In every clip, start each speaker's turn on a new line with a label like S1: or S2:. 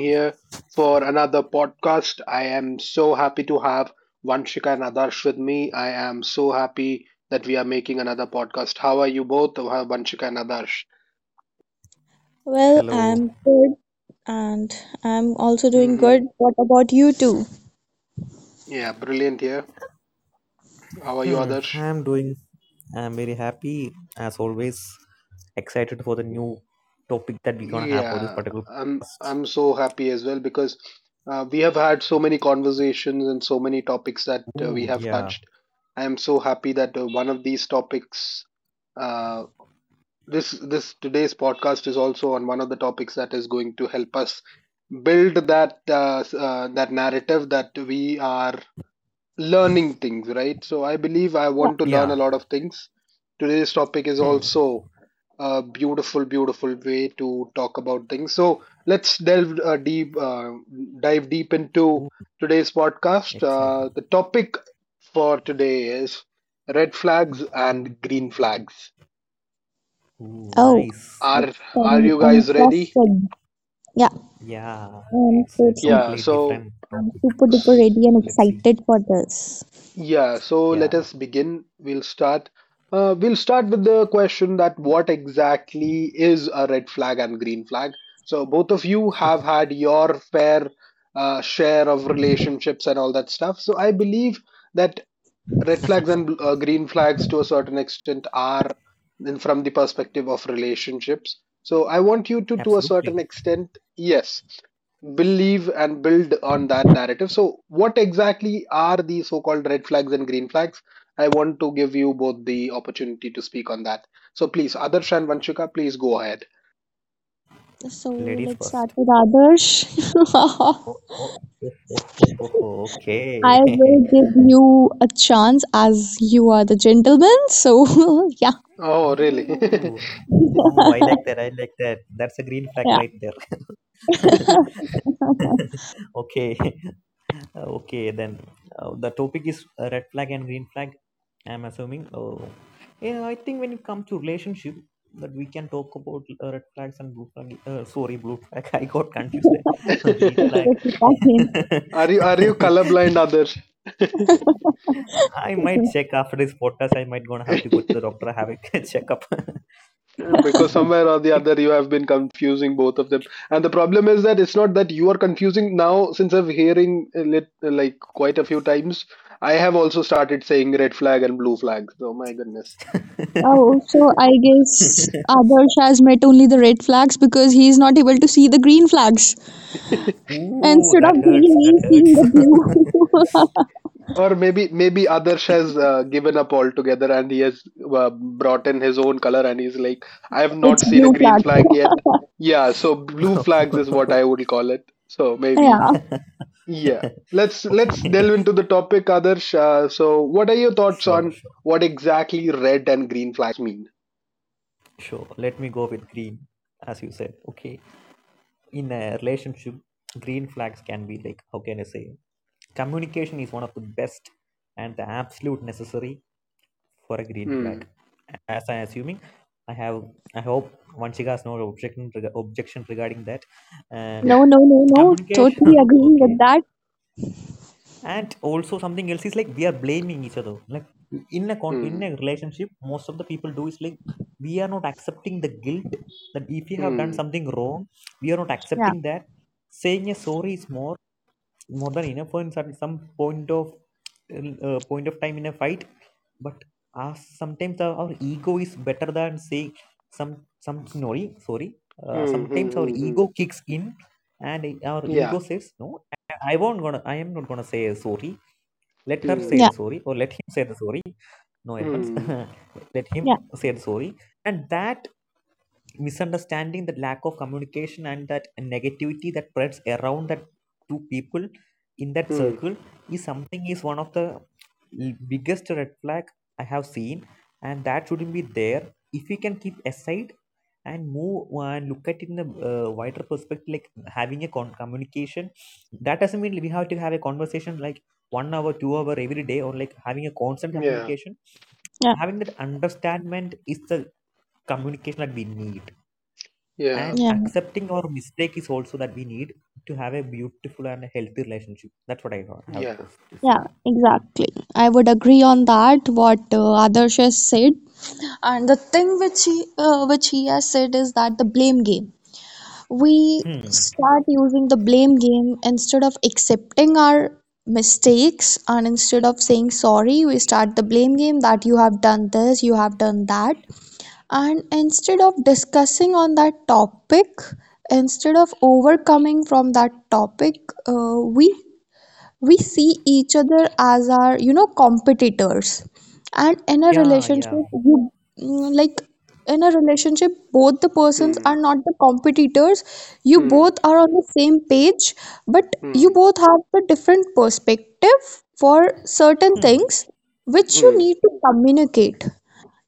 S1: here for another podcast. I am so happy to have Vanshika and Adarsh with me. I am so happy that we are making another podcast. How are you both, Vanshika and Adarsh?
S2: Well,
S3: Hello.
S2: I'm good and I'm also doing
S1: hmm
S2: good. What about you too?
S1: Yeah, brilliant here. How are you, Adarsh?
S3: I'm doing. I'm very happy as always. Excited for the new topic that we're gonna have for this
S1: Yeah,
S3: particular.
S1: I'm so happy as well because we have had so many conversations and so many topics that we
S3: Ooh,
S1: have
S3: yeah,
S1: touched. I am so happy that one of these topics, uh, this today's podcast is also on one of the topics that is going to help us build that that narrative that we are learning things, right? So I believe I
S2: Yeah.
S1: want to learn
S3: yeah.
S1: a lot of things. Today's topic is
S3: Hmm.
S1: also a beautiful, beautiful way to talk about things. So let's dive deep into
S3: Ooh,
S1: today's podcast.
S3: excited.
S1: The topic for today is red flags and green flags.
S3: Ooh,
S2: Oh,
S3: nice.
S1: Are
S2: it's
S1: are you guys ready?
S2: interesting. Yeah,
S3: Yeah,
S2: I'm
S3: it's a
S2: totally.
S1: Yeah.
S3: totally
S1: So
S3: different
S2: I'm
S3: topic.
S2: super duper
S3: So
S2: ready and
S3: let's see.
S2: excited for this.
S1: Yeah, so
S3: Yeah,
S1: let us begin. We'll start. We'll start with the question that what exactly is a red flag and green flag? So both of you have had your fair share of relationships and all that stuff. So I believe that red flags and green flags to a certain extent are in, from the perspective of relationships, so I want you to a
S3: absolutely.
S1: certain extent, yes, believe and build on that narrative. So what exactly are the so called red flags and green flags? I want to give you both the opportunity to speak on that. So please Adarsh and Vanshika, please go ahead.
S2: So
S3: Ladies
S2: let's start
S3: first.
S2: with Adarsh.
S3: Oh, oh, oh, oh, oh, oh, oh,
S2: I
S3: okay.
S2: will give you a chance as you are the gentleman. So yeah,
S1: Oh really?
S3: Ooh. Oh, I like that. I like that. That's a green flag
S2: yeah,
S3: right there. Okay. Okay, then the topic is red flag and green flag, I'm assuming. Oh yeah, I think when it comes to relationship that we can talk about red flags and blue flag. Sorry, blue flag. I got confused there. Green
S2: it's
S3: flag.
S2: totally fine.
S1: Are you colorblind,
S3: I might check after this podcast. I might gonna have to
S1: Adarsh?
S3: go to the doctor, have a checkup.
S1: Because
S3: Mm.
S1: somewhere or the other, you have been confusing both of them. And the problem is that it's not that you are confusing now, since I've hearing like quite a few times, I have also started saying red flag and blue flag. So my goodness.
S2: Oh, so I guess Adarsh has met only the red flags because he is not able to see the green flags.
S3: Ooh,
S2: Instead
S3: that
S2: of
S3: hurts.
S2: green,
S3: That
S2: he's
S3: hurts.
S2: seeing the blue.
S1: Or maybe Adarsh has given up altogether and he has brought in his own color and he's like, I have not
S2: It's
S1: seen a
S2: blue
S1: green flag
S2: flag.
S1: yet. Yeah, so blue flags is what I would call it. So maybe.
S2: Yeah.
S1: Yeah, let's
S3: Okay,
S1: delve into the topic, Adarsh. So, what are your thoughts
S3: sure,
S1: on
S3: sure,
S1: what exactly red and green flags mean?
S3: sure. Let me go with green, as you said. Okay, in a relationship, green flags can be like, how can I say, communication is one of the best and the absolute necessary for a green
S1: Hmm.
S3: flag, as I'm assuming. I have, I hope one has no objection regarding that, and
S2: No, no, no, no.
S3: communication.
S2: Totally agreeing
S3: Okay.
S2: with that.
S3: And also something else is like, we are blaming each other. Like in a in a
S1: Hmm.
S3: relationship, most of the people do is like, we are not accepting the guilt. That if you have done
S1: Hmm.
S3: something wrong, we are not
S2: Yeah.
S3: accepting that. Saying a sorry is more than enough for in some point of point of time in a fight. But us sometimes our ego is better than saying some some sorry.
S1: Hmm. Hmm.
S3: Sometimes our
S1: Hmm. hmm.
S3: ego kicks in and our
S1: Yeah.
S3: ego says, no, I won't gonna, I am not gonna say sorry. Let her
S1: Hmm.
S3: say
S2: Yeah.
S3: the sorry, or let him say the sorry. No offense.
S1: Hmm.
S3: Let him
S2: Yeah.
S3: say the sorry. And that misunderstanding, that lack of communication, and that negativity that spreads around that two people in that
S1: Hmm.
S3: circle is something, is one of the biggest red flag I have seen, and that shouldn't be there. If we can keep aside and move and look at it in a wider perspective, like having a communication, that doesn't mean we have to have a conversation like 1 hour, 2 hour every day, or like having a constant
S1: Yeah.
S3: communication.
S2: Yeah.
S3: Having that understandment is the communication that we need,
S1: Yeah.
S3: and
S2: Yeah.
S3: accepting our mistake is also that we need to have a beautiful and a healthy relationship. That's what I have
S1: Yeah.
S3: posted to say.
S2: Yeah. Exactly. I would agree on that. What Adarsh has said, and the thing which he has said is that the blame game. We
S3: Hmm.
S2: start using the blame game instead of accepting our mistakes, and instead of saying sorry, we start the blame game, that you have done this, you have done that. And instead of discussing on that topic, instead of overcoming from that topic, uh, we we see each other as our, you know, competitors. And in a
S3: Yeah, yeah.
S2: relationship, you like, in a relationship, both the persons are
S1: Hmm.
S2: not the competitors. You
S1: Hmm.
S2: both are on the same page, but you
S1: Hmm.
S2: both have the different perspective for certain
S3: Hmm.
S2: things, which you
S1: Hmm.
S2: need to communicate,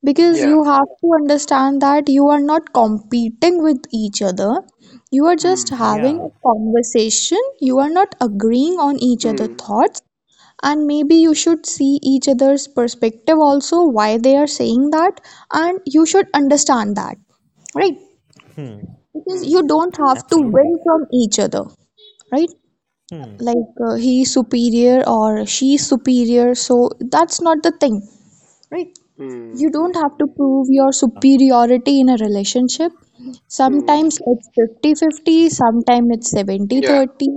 S2: because
S1: Yeah.
S2: you have to understand that you are not competing with each other, you are just
S1: Hmm.
S2: having
S3: Yeah.
S2: a conversation. You are not agreeing on each other's
S1: Hmm.
S2: thoughts, and maybe you should see each other's perspective also, why they are saying that, and you should understand that, right?
S3: Hmm.
S2: Because
S1: Hmm.
S2: you don't have to win
S3: Absolutely.
S2: from each other, right?
S3: Hmm.
S2: Like, he is superior or she is superior, so that's not the thing, right?
S1: Hmm.
S2: You don't have to
S1: Hmm.
S2: prove your superiority in a relationship.
S1: Hmm.
S2: Sometimes it's 50/50. Sometimes it's
S1: Yeah.
S2: 70/30.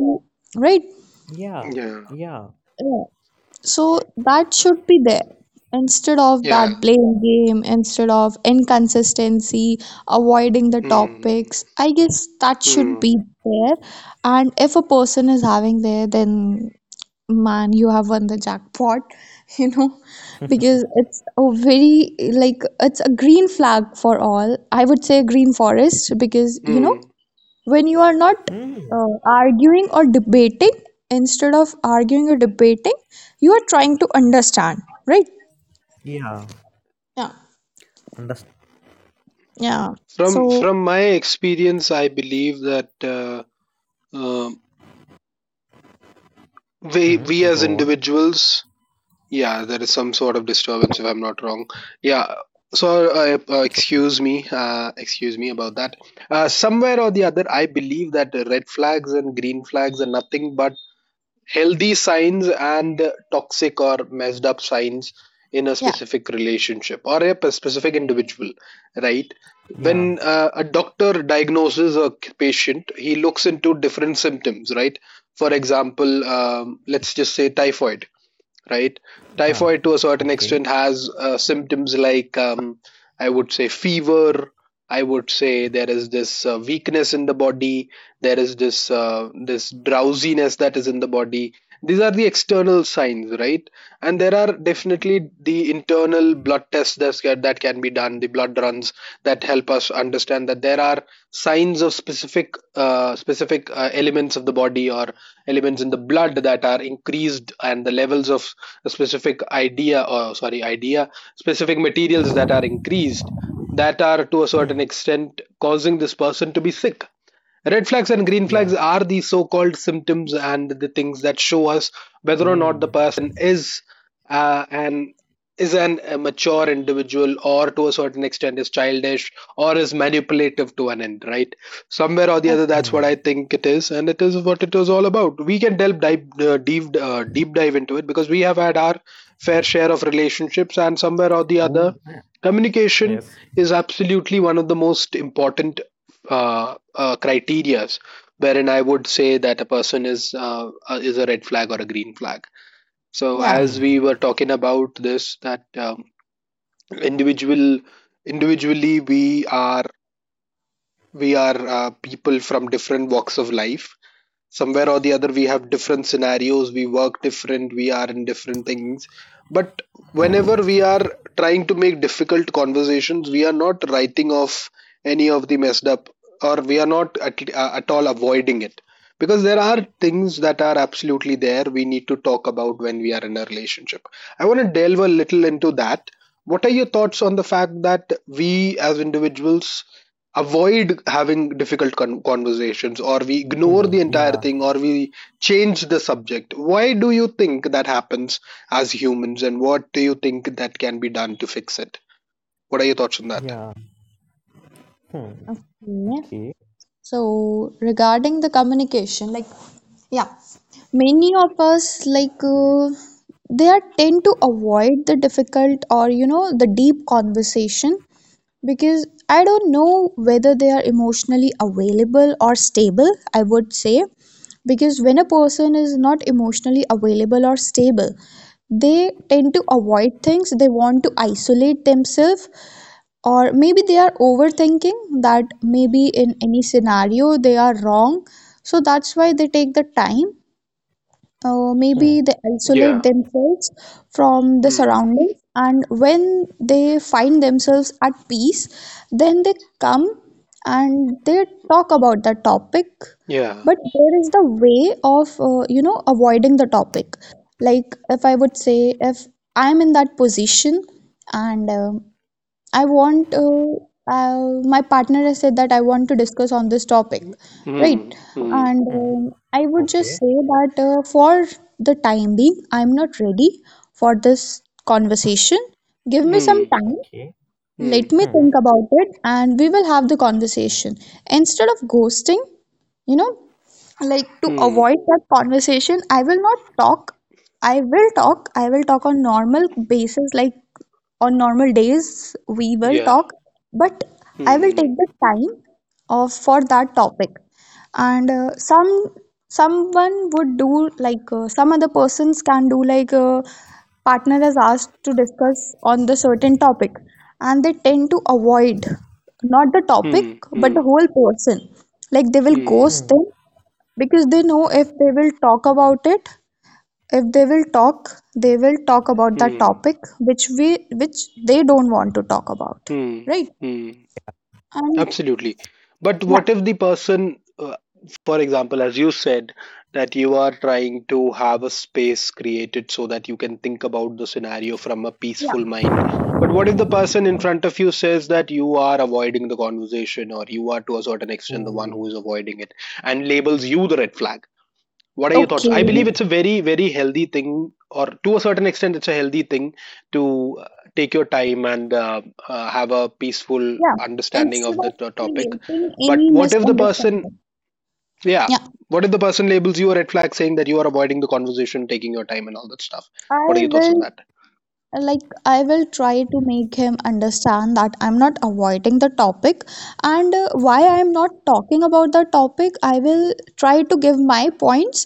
S2: Right?
S3: Yeah,
S1: Yeah.
S3: yeah.
S2: Yeah. So that should be there instead of
S1: Yeah.
S2: that blame game, instead of inconsistency, avoiding the
S1: Hmm.
S2: topics. I guess that should
S1: Hmm.
S2: be
S1: Hmm.
S2: there, and if a person is having there, then man, you have won the jackpot, you know, because it's a very, like, it's a green flag for all. I would say a green forest, because, you know,
S1: hmm.
S2: when you are not
S3: Hmm.
S2: arguing or debating, instead of arguing or debating, you are trying to understand, right?
S3: Yeah,
S2: Yeah,
S3: understand.
S2: yeah.
S1: From
S2: So,
S1: my experience, I believe that uh, we
S3: Hmm.
S1: as
S3: Go on,
S1: individuals, yeah, there is some sort of disturbance if I'm not wrong. Yeah, so
S3: it's okay.
S1: excuse me about that. Somewhere or the other, I believe that red flags and green flags are nothing but healthy signs and toxic or messed up signs in a
S2: yeah,
S1: specific relationship or a specific individual. Right,
S3: Yeah,
S1: when a doctor diagnoses a patient, he looks into different symptoms, right? For example, let's just say typhoid. Right,
S3: yeah.
S1: typhoid to a certain
S3: Okay.
S1: extent has symptoms like I would say fever. I would say there is this weakness in the body. There is this this drowsiness that is in the body. These are the external signs, right? And there are definitely the internal blood tests that's, that can be done, the blood runs that help us understand that there are signs of specific elements of the body or elements in the blood that are increased, and the levels of a specific idea or sorry idea specific materials that are increased, that are to a certain
S3: Hmm.
S1: extent causing this person to be sick. Red flags and green flags
S3: Yeah.
S1: are the so called symptoms and the things that show us whether or not
S3: Ooh.
S1: the person is an is an a mature individual or to a certain extent is childish or is manipulative to an end, right? Somewhere or the
S2: oh,
S1: other, that's what
S3: Hmm.
S1: I think it is and it is what it was all about. We can delve dive deep deep dive into it because we have had our fair share of relationships, and somewhere or the other
S3: Ooh. Yeah.
S1: communication
S3: Yes.
S1: is absolutely one of the most important criterias wherein I would say that a person is a red flag or a green flag. So
S2: yeah.
S1: as
S3: Hmm.
S1: we were talking about this, that individual individually we are people from different walks of life, somewhere or the other we have different scenarios, we work different, we are in different things, but whenever we are trying to make difficult conversations, we are not writing off any of the messed up or we are not at all avoiding it because there are things that are absolutely there we need to talk about when we are in a relationship. I want to delve a little into that. What are your thoughts on the fact that we as individuals avoid having difficult conversations or we ignore
S3: Ooh.
S1: the entire
S3: Yeah,
S1: thing or we change the subject? Why do you think that happens as humans and what do you think that can be done to fix it? What are your thoughts on that?
S3: yeah. Hmm.
S2: Okay.
S3: Okay.
S2: So regarding the communication, like, yeah, many of us, like, they are tend to avoid the difficult or, you know, the deep conversation, because I don't know whether they are emotionally available or stable, I would say. Because when a person is not emotionally available or stable, they tend to avoid things, they want to isolate themselves, or maybe they are overthinking that maybe in any scenario they are wrong. So that's why they take the time.
S3: Hmm.
S2: Maybe they isolate
S1: Yeah.
S2: themselves from the
S1: hmm.
S2: surroundings, and when they find themselves at peace, then they come and they talk about that topic.
S1: Yeah.
S2: But there is the way of you know, avoiding the topic. Like, if I would say, if I'm in that position, and I want, my partner has said that I want to discuss on this topic,
S1: Hmm.
S2: right?
S1: Hmm.
S2: And
S3: Hmm.
S2: I would just
S3: Okay.
S2: say that for the time being, I'm not ready for this conversation. Give me
S1: Hmm.
S2: some time,
S3: Okay.
S2: let
S1: Hmm.
S2: me
S3: 嗯
S2: think about it, and we will have the conversation. Instead of ghosting, you know, like, to
S1: Hmm.
S2: avoid that conversation, I will not talk. I will talk. I will talk on normal basis. Like, on normal days we will
S1: Yeah.
S2: talk, but I will take
S1: Hmm.
S2: the time of for that topic. And some, someone would do like, some other persons can do, like, partner is asked to discuss on the certain topic, and they tend to avoid not the topic
S1: Hmm.
S2: but the
S1: Hmm.
S2: whole person. Like, they will ghost
S1: Hmm.
S3: 嗯，
S2: them, because they know if they will talk about it, if they will talk, they will talk about that
S1: Hmm.
S2: topic which we, which they don't want to talk about,
S1: Hmm.
S2: right?
S1: Mm.
S2: And
S1: Absolutely. But
S2: yeah,
S1: what if the person, for example, as you said, that you are trying to have a space created so that you can think about the scenario from a peaceful
S2: yeah,
S1: mind? But what if the
S2: yeah.
S1: person in front of you says that you are avoiding the conversation or you are to a certain
S3: 嗯
S1: extent the one who is
S3: 嗯
S1: avoiding it and labels you the red flag? What are your thoughts?
S2: Okay,
S1: I
S3: 嗯
S1: believe
S3: 嗯。
S1: it's a very, very healthy thing or to a certain extent it's a healthy thing to take your time and have a peaceful
S2: yeah,
S1: understanding
S2: instead
S1: of the
S2: of
S1: topic.
S2: creating
S1: But
S2: any
S1: what if the person,
S2: misunderstanding,
S1: yeah,
S2: yeah,
S1: what if the person labels you a red flag saying that you are avoiding the conversation, taking your time and all that stuff? What are
S2: I
S1: your thoughts on
S2: will,
S1: that?
S2: like, I will try to make him understand that I'm not avoiding the topic, and why I'm not talking about the topic, I will try to give my points,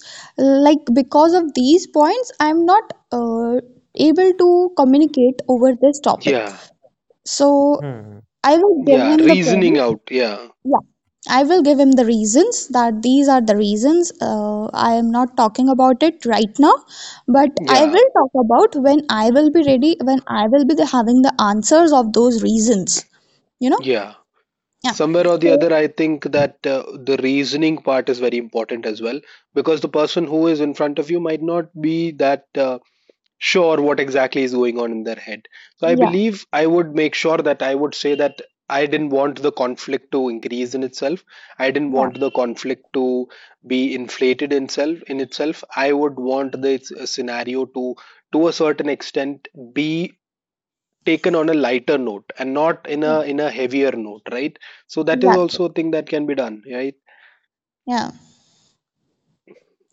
S2: like, because of these points I'm not able to communicate over this topic.
S1: Yeah.
S2: So
S3: 嗯嗯
S2: I will give
S1: Yeah,
S2: him the
S1: reasoning
S2: points.
S1: out. Yeah.
S2: Yeah, I will give him the reasons, that these are the reasons. I am not talking about it right now, but I
S1: Yeah.
S2: will talk about when I will be ready, when I will be the, having the answers of those reasons. You know?
S1: Yeah,
S2: Yeah.
S1: somewhere or the
S2: So,
S1: other I think that the reasoning part is very important as well because the person who is in front of you might not be that sure what exactly is going on in their head. So I
S2: yeah,
S1: believe I would make sure that I would say that I didn't want the conflict to increase in itself, I didn't
S2: yeah,
S1: want the conflict to be inflated in itself. I would want the scenario to a certain extent be taken on a lighter note and not in
S2: yeah,
S1: a in a heavier note, right? So that is
S2: exactly.
S1: also a thing that can be done, right?
S2: Yeah.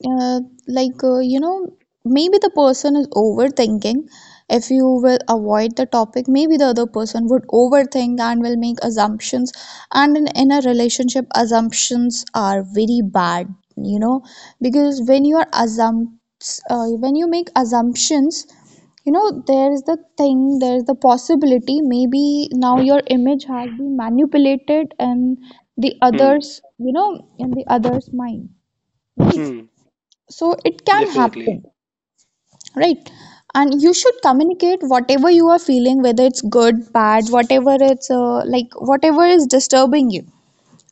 S2: uh, like, you know, maybe the person is overthinking. If you will avoid the topic, maybe the other person would overthink and will make assumptions. And in a relationship, assumptions are very bad, you know, because when you are, assumpt when you make assumptions, you know, there is the thing, there is the possibility, maybe now your image has been manipulated in the
S1: hmm
S2: others, you know, in the others' mind.
S1: hmm
S2: So it can
S1: Definitely.
S2: happen, right? And you should communicate whatever you are feeling, whether it's good, bad, whatever, it's like, whatever is disturbing you.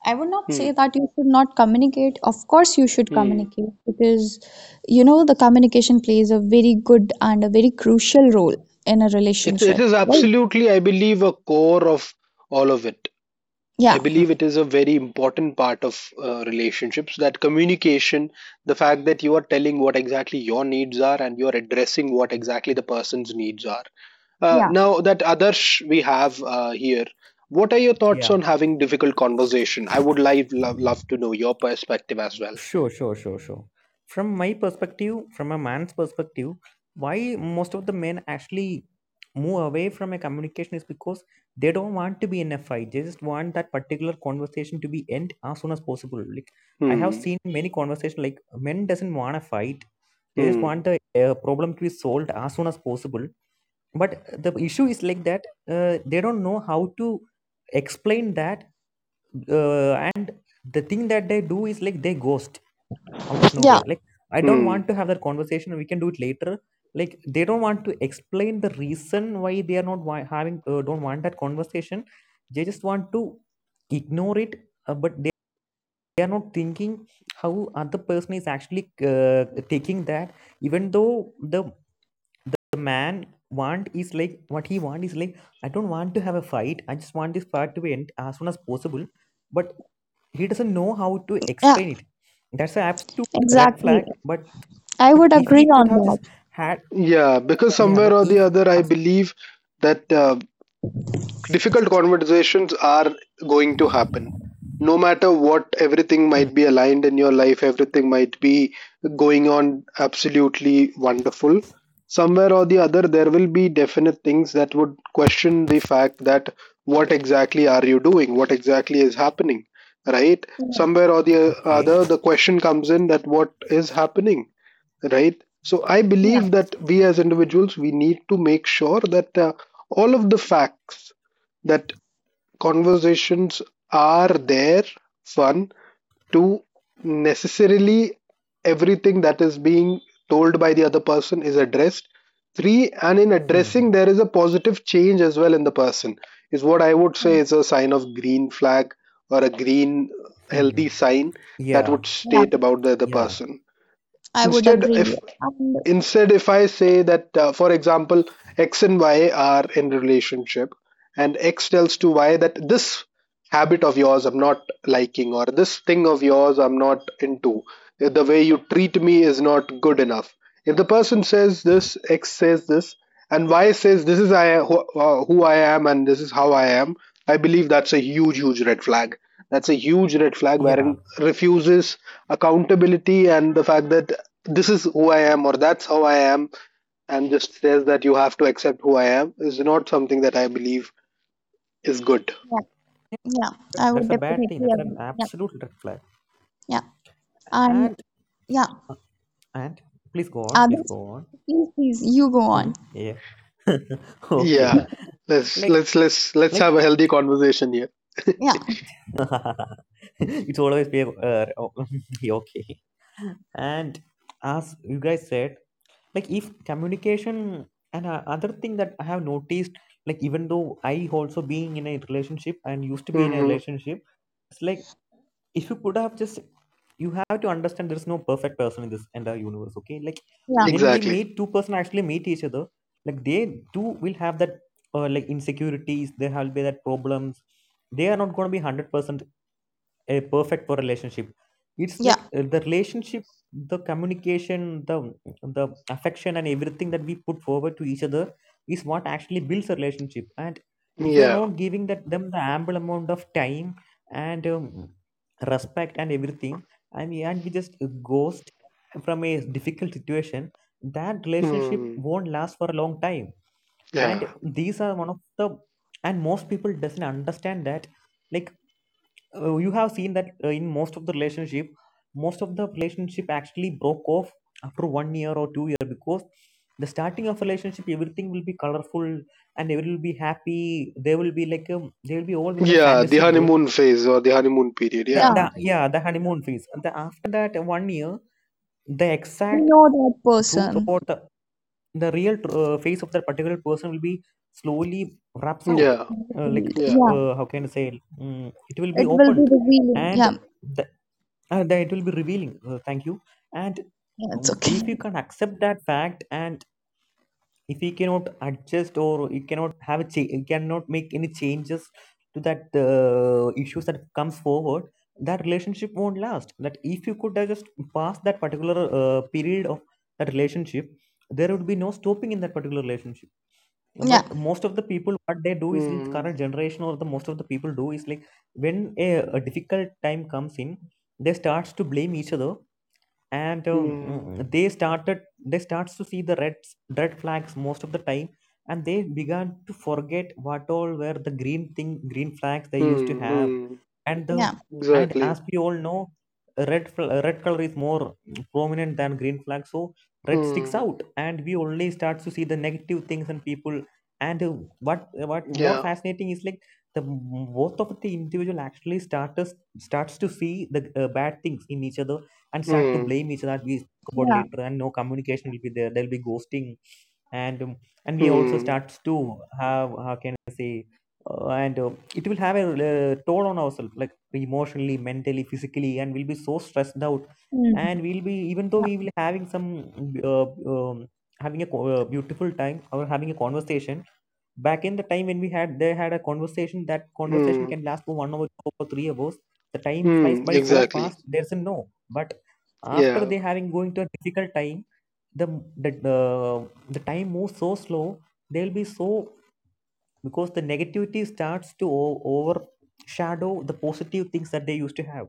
S2: I would not say
S1: hmm
S2: that you should not communicate. Of course you should
S1: hmm
S2: communicate, because, you know, the communication plays a very good and a very crucial role in a
S1: it, it
S2: relationship,
S1: is
S2: right?
S1: absolutely, I believe, a core of all of it. I
S2: Yeah,
S1: believe it is a very important part of relationships, that communication, the fact that you are telling what exactly your needs are and you are addressing what exactly the person's needs are.
S2: yeah,
S1: Now that Adarsh we have here, what are your thoughts
S3: Yeah,
S1: on having difficult conversation? I would like love, love to know your perspective as well.
S3: sure, sure, sure, sure. From my perspective, from a man's perspective, why most of the men actually move away from a communication is because they don't want to be in a fight. They just want that particular conversation to be end as soon as possible. Like I have
S1: Hmm.
S3: seen many conversations like men doesn't want to fight. They just want
S1: Hmm.
S3: the problem to be solved as soon as possible. But the issue is like that they don't know how to explain that, and the thing that they do is like they ghost out of
S2: yeah,
S3: nowhere, like I don't
S1: Hmm.
S3: want to have that conversation, we can do it later. Like they don't want to explain the reason why they are not having don't want that conversation. They just want to ignore it. But they are not thinking how other person is actually uh, taking that. Even though the man want is like, what he want is like, I don't want to have a fight, I just want this fight to end as soon as possible, but he doesn't know how to
S2: yeah,
S3: explain it. That's an red
S2: exactly.
S3: flag. but
S2: I
S3: but
S2: would
S3: if he
S2: agree
S3: could
S2: on
S3: have just
S2: that.
S3: had,
S1: Yeah, because
S3: yeah,
S1: somewhere
S3: but
S1: or the
S3: if,
S1: other, I believe that difficult conversations are going to happen no matter what. Everything
S3: hmm,
S1: might be aligned in your life, everything might be going on absolutely wonderful, somewhere or the other there will be definite things that would question the fact that what exactly are you doing, what exactly is happening, right?
S2: Yeah,
S1: Somewhere or the
S3: okay,
S1: other the question comes in that what is happening, right? So I
S2: yeah,
S1: believe that we as individuals we need to make sure that all of the facts that conversations are there, one, two, necessarily everything that is being told by the other person is addressed, three, and in
S3: hmm,
S1: addressing there is a positive change as well in the person, is what I would
S2: yeah,
S1: say is a sign of green flag or a green
S3: hmm,
S1: healthy sign that
S3: yeah,
S1: would
S2: yeah.
S1: state about the other
S3: yeah,
S1: person.
S2: I would
S1: Instead,
S2: agree.
S1: if
S2: And
S1: instead if I say that for example X and Y are in relationship and X tells to Y that this habit of yours I'm not liking, or this thing of yours I'm not into. The way you treat me is not good enough. If the person says this, X says this, and Y says this is I who I am and this is how I am, I believe that's a huge, huge red flag. That's a huge red flag
S3: yeah,
S1: wherein refuses accountability, and the fact that this is who I am or that's how I am and just says that you have to accept who I am is not something that I believe is good.
S2: yeah. Yeah, I
S3: that's
S2: would
S3: a
S2: definitely
S3: bad thing. That's
S2: agree.
S3: an
S2: Yeah,
S3: absolute red flag.
S2: yeah. And
S3: and
S2: yeah,
S3: and please go on, please
S2: others,
S3: go on.
S2: please, please, you go
S3: Hmm,
S2: on.
S3: yeah. Okay.
S1: Yeah. Let's
S3: like
S1: let's let's let's
S3: like
S1: have a healthy conversation here.
S2: Yeah,
S3: it's always be okay, and as you guys said, like if communication and other thing that I have noticed, like even though I also being in a relationship and used to be in a
S1: Hmm.
S3: relationship, it's like if you could have just, you have to understand there's no perfect person in this entire universe, okay? Like
S2: yeah,
S3: when we
S1: Exactly.
S3: meet two person, actually meet each other, like they too will have that like insecurities, they have be that problems, they are not going to be 100% a perfect for relationship. It's
S2: yeah,
S3: like the relationship, the communication, the affection and everything that we put forward to each other is what actually builds a relationship. And if you are
S1: Yeah.
S3: not giving that them the ample amount of time and respect and everything, I mean, and we just ghost from a difficult situation, that relationship
S1: Mm.
S3: won't last for a long time.
S1: Yeah.
S3: And these are one of the, and most people doesn't understand that, like you have seen that in most of the relationship, most of the relationship actually broke off after 1 year or 2 year, because the starting of relationship everything will be colorful and they will be happy, they will be like, um, they will be all in a
S1: Yeah. The
S3: fantasy world,
S1: honeymoon phase or the honeymoon period.
S3: the,
S1: Yeah.
S2: yeah.
S3: the yeah, the honeymoon phase, the, after that 1 year the
S2: We
S3: exact
S2: know that
S3: truth
S2: person.
S3: about the real face of that particular person will be slowly wraps out.
S1: Yeah.
S3: Like
S2: Revealed.
S1: Yeah.
S2: Yeah,
S3: how can I say, mm, it will be
S2: it will be
S3: opened
S2: revealing.
S3: and
S2: Yeah,
S3: the, that it will be revealing, thank you. And
S2: yeah,
S3: um,
S2: it's okay.
S3: if you can accept that fact, and if he cannot adjust or he cannot have a he cannot make any changes to that issues that comes forward, that relationship won't last. That if you could just pass that particular period of that relationship, there would be no stopping in that particular relationship.
S2: Yeah,
S3: But most of the people what they do is, in the
S1: Mm.
S3: current generation or the most of the people do is like, when a difficult time comes in, they starts to blame each other and
S1: Mm.
S3: mm, they started, they starts to see the red flags most of the time, and they began to forget what all were the green thing, green flags they used to
S1: Mm.
S3: have.
S1: Mm.
S3: And the,
S2: yeah,
S3: and
S1: Exactly.
S3: as we all know, red color is more prominent than green flag, so red sticks
S1: Mm.
S3: out, and we only start to see the negative things and people. And what more
S1: Yeah.
S3: fascinating is like the both of the individual actually starts to see the bad things in each other and start to
S1: Mm.
S3: blame each other, as we talk about
S2: yeah.
S3: later, and no communication will be there, there'll be ghosting. And and we also
S1: Mm.
S3: starts to have, how can I say, and it will have a toll on ourselves like emotionally, mentally, physically, and we'll be so stressed out.
S2: Hmm.
S3: And we'll be, even though
S2: Yeah.
S3: we will having some uh, um, having a beautiful time or having a conversation back in the time when we had, they had a conversation, that conversation
S1: Mm.
S3: can last for 1 hour, 2 or 3 hours. The time flies
S1: Mm.
S3: by so
S1: Exactly.
S3: fast, there's a no. But after
S1: Yeah.
S3: they having going to a difficult time, the the, the time moves so slow, they'll be so, because the negativity starts to overshadow the positive things that they used to have.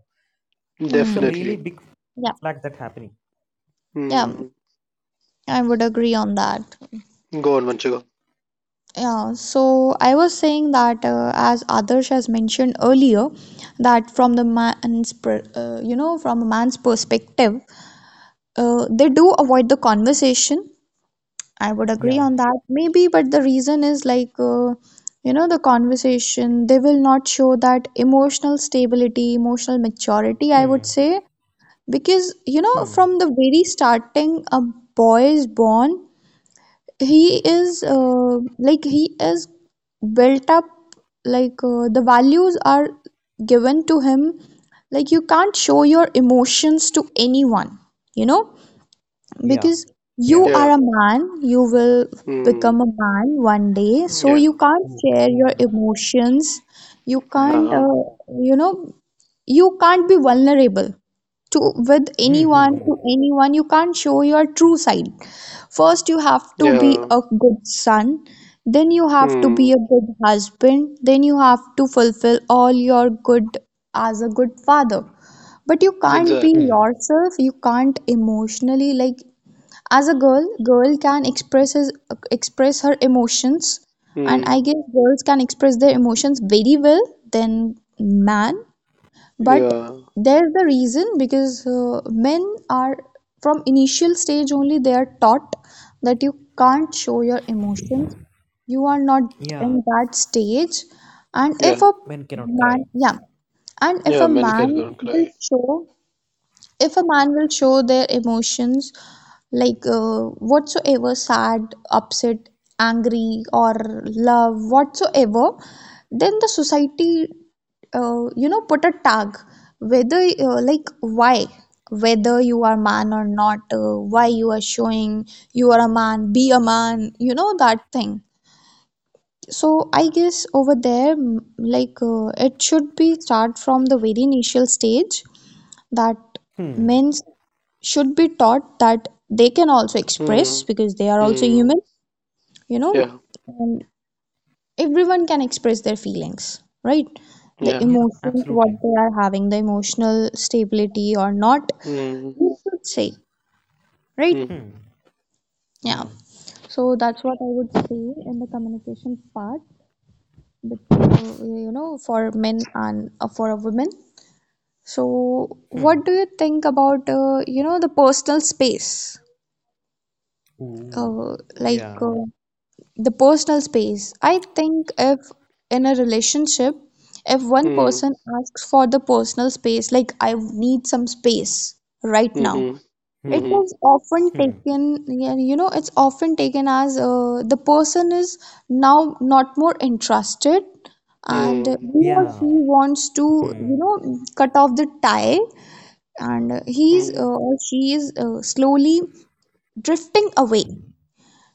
S3: That's a
S2: Hmm.
S3: really
S1: Definitely.
S3: big
S2: Yeah.
S3: flag that's happening.
S2: Yeah.
S1: Mm.
S2: I would agree on that.
S1: Go on, Vanchika.
S2: Yeah. So I was saying that as Adarsh has mentioned earlier, that from the man's, you know, from a man's perspective, they do avoid the conversation. I would agree
S3: Yeah.
S2: on that. Maybe, but the reason is, like, you know, the conversation, they will not show that emotional stability, emotional maturity, I would
S3: Hmm.
S2: say. Because, you know,
S3: Hmm.
S2: from the very starting, a boy is born, he is like, he is built up like, the values are given to him, like, you can't show your emotions to anyone, you know,
S3: Yeah,
S2: because you
S3: yeah.
S2: are
S1: Yeah.
S2: a man. You will
S1: Mm.
S2: become a man one day, so
S1: Yeah.
S2: you can't
S3: Hmm.
S2: share
S3: Hmm.
S2: your emotions, you can't,
S1: Yeah.
S2: you know, you can't be vulnerable to, with
S3: Hmm. Hmm.
S2: anyone,
S3: Hmm.
S2: to anyone. You can't show your true side. First you have to be
S1: Yeah.
S2: a good son, then you have to be
S1: Mm.
S2: a good husband, then you have to fulfill all your good as a good father. But you can't be
S1: Exactly.
S3: Hmm.
S2: yourself. You can't emotionally, like, as a girl, girl can expresses express her emotions, and I
S1: Mm.
S2: guess girls can express their emotions very well than man. But
S1: Yeah.
S2: there's the reason, because men are, from initial stage only, they are taught that you can't show your emotions. You are not
S3: Yeah,
S2: in that stage. And if
S1: Yeah.
S2: a
S3: men cannot
S2: man,
S3: cry.
S2: yeah, and if
S1: Yeah.
S2: a
S1: Men can
S2: man
S1: go and
S3: Hmm.
S2: will
S1: cry.
S2: show, if a man will show their emotions, like, whatsoever, sad, upset, angry or love, whatsoever, then the society, you know, put a tag whether, like, why, whether you are man or not, why you are showing, you are a man, be a man, you know, that thing. So I guess over there, it should be start from the very initial stage, that
S3: Hmm.
S2: men should be taught that they can also express,
S1: Mm.
S2: because they are also
S1: Mm.
S2: human, you know,
S1: Yeah.
S2: and everyone can express their feelings, right, the
S1: Yeah.
S3: Yeah,
S2: emotions what
S3: absolutely.
S2: they are having, the emotional stability or not,
S1: Mm.
S2: you should say, right?
S1: Mm.
S3: Hmm.
S2: Yeah.
S3: Yeah.
S2: So that's what I would say in the communication part. But you know, for men and for a woman. So
S3: Hmm.
S2: what do you think about you know, the personal space,
S3: Ooh.
S1: Mm.
S2: like,
S3: Yeah.
S2: the personal space? I think if in a relationship, if one
S1: Mm.
S2: person asks for the personal space, like, I need some space right now,
S1: Mm.
S2: it
S3: Hmm.
S2: is often
S3: Hmm.
S2: taken, yeah, you know, it's often taken as the person is now not more interested and
S1: Mm.
S2: he or she
S3: Yeah.
S2: wants to, you
S3: Hmm.
S2: know, cut off the tie, and he's,
S1: Mm.
S2: or she is slowly drifting away.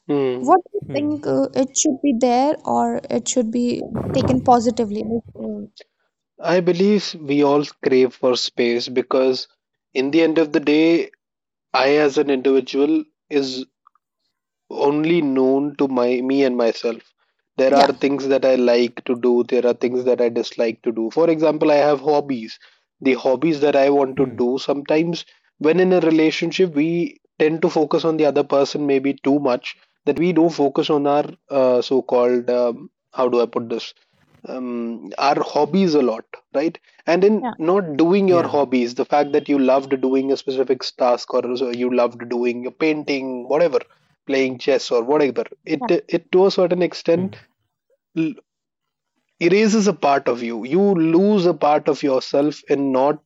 S1: Mm.
S2: What do you
S3: Hmm.
S2: think, it should be there or it should be taken positively? Like,
S1: I believe we all crave for space because, in the end of the day, I as an individual is only known to my me and myself. There are
S2: yeah,
S1: things that I like to do, there are things that I dislike to do. For example, I have hobbies. The hobbies that I want to
S3: Hmm.
S1: do sometimes when in a relationship, we tend to focus on the other person maybe too much that we don't focus on our so called how do I put this our hobbies a lot, right? And in
S2: yeah,
S1: not doing your
S3: Yeah.
S1: hobbies, the fact that you loved doing a specific task, or so you loved doing a painting, whatever, playing chess or whatever, it
S2: yeah,
S1: it to a certain extent
S3: Hmm.
S1: erases a part of you. You lose a part of yourself in not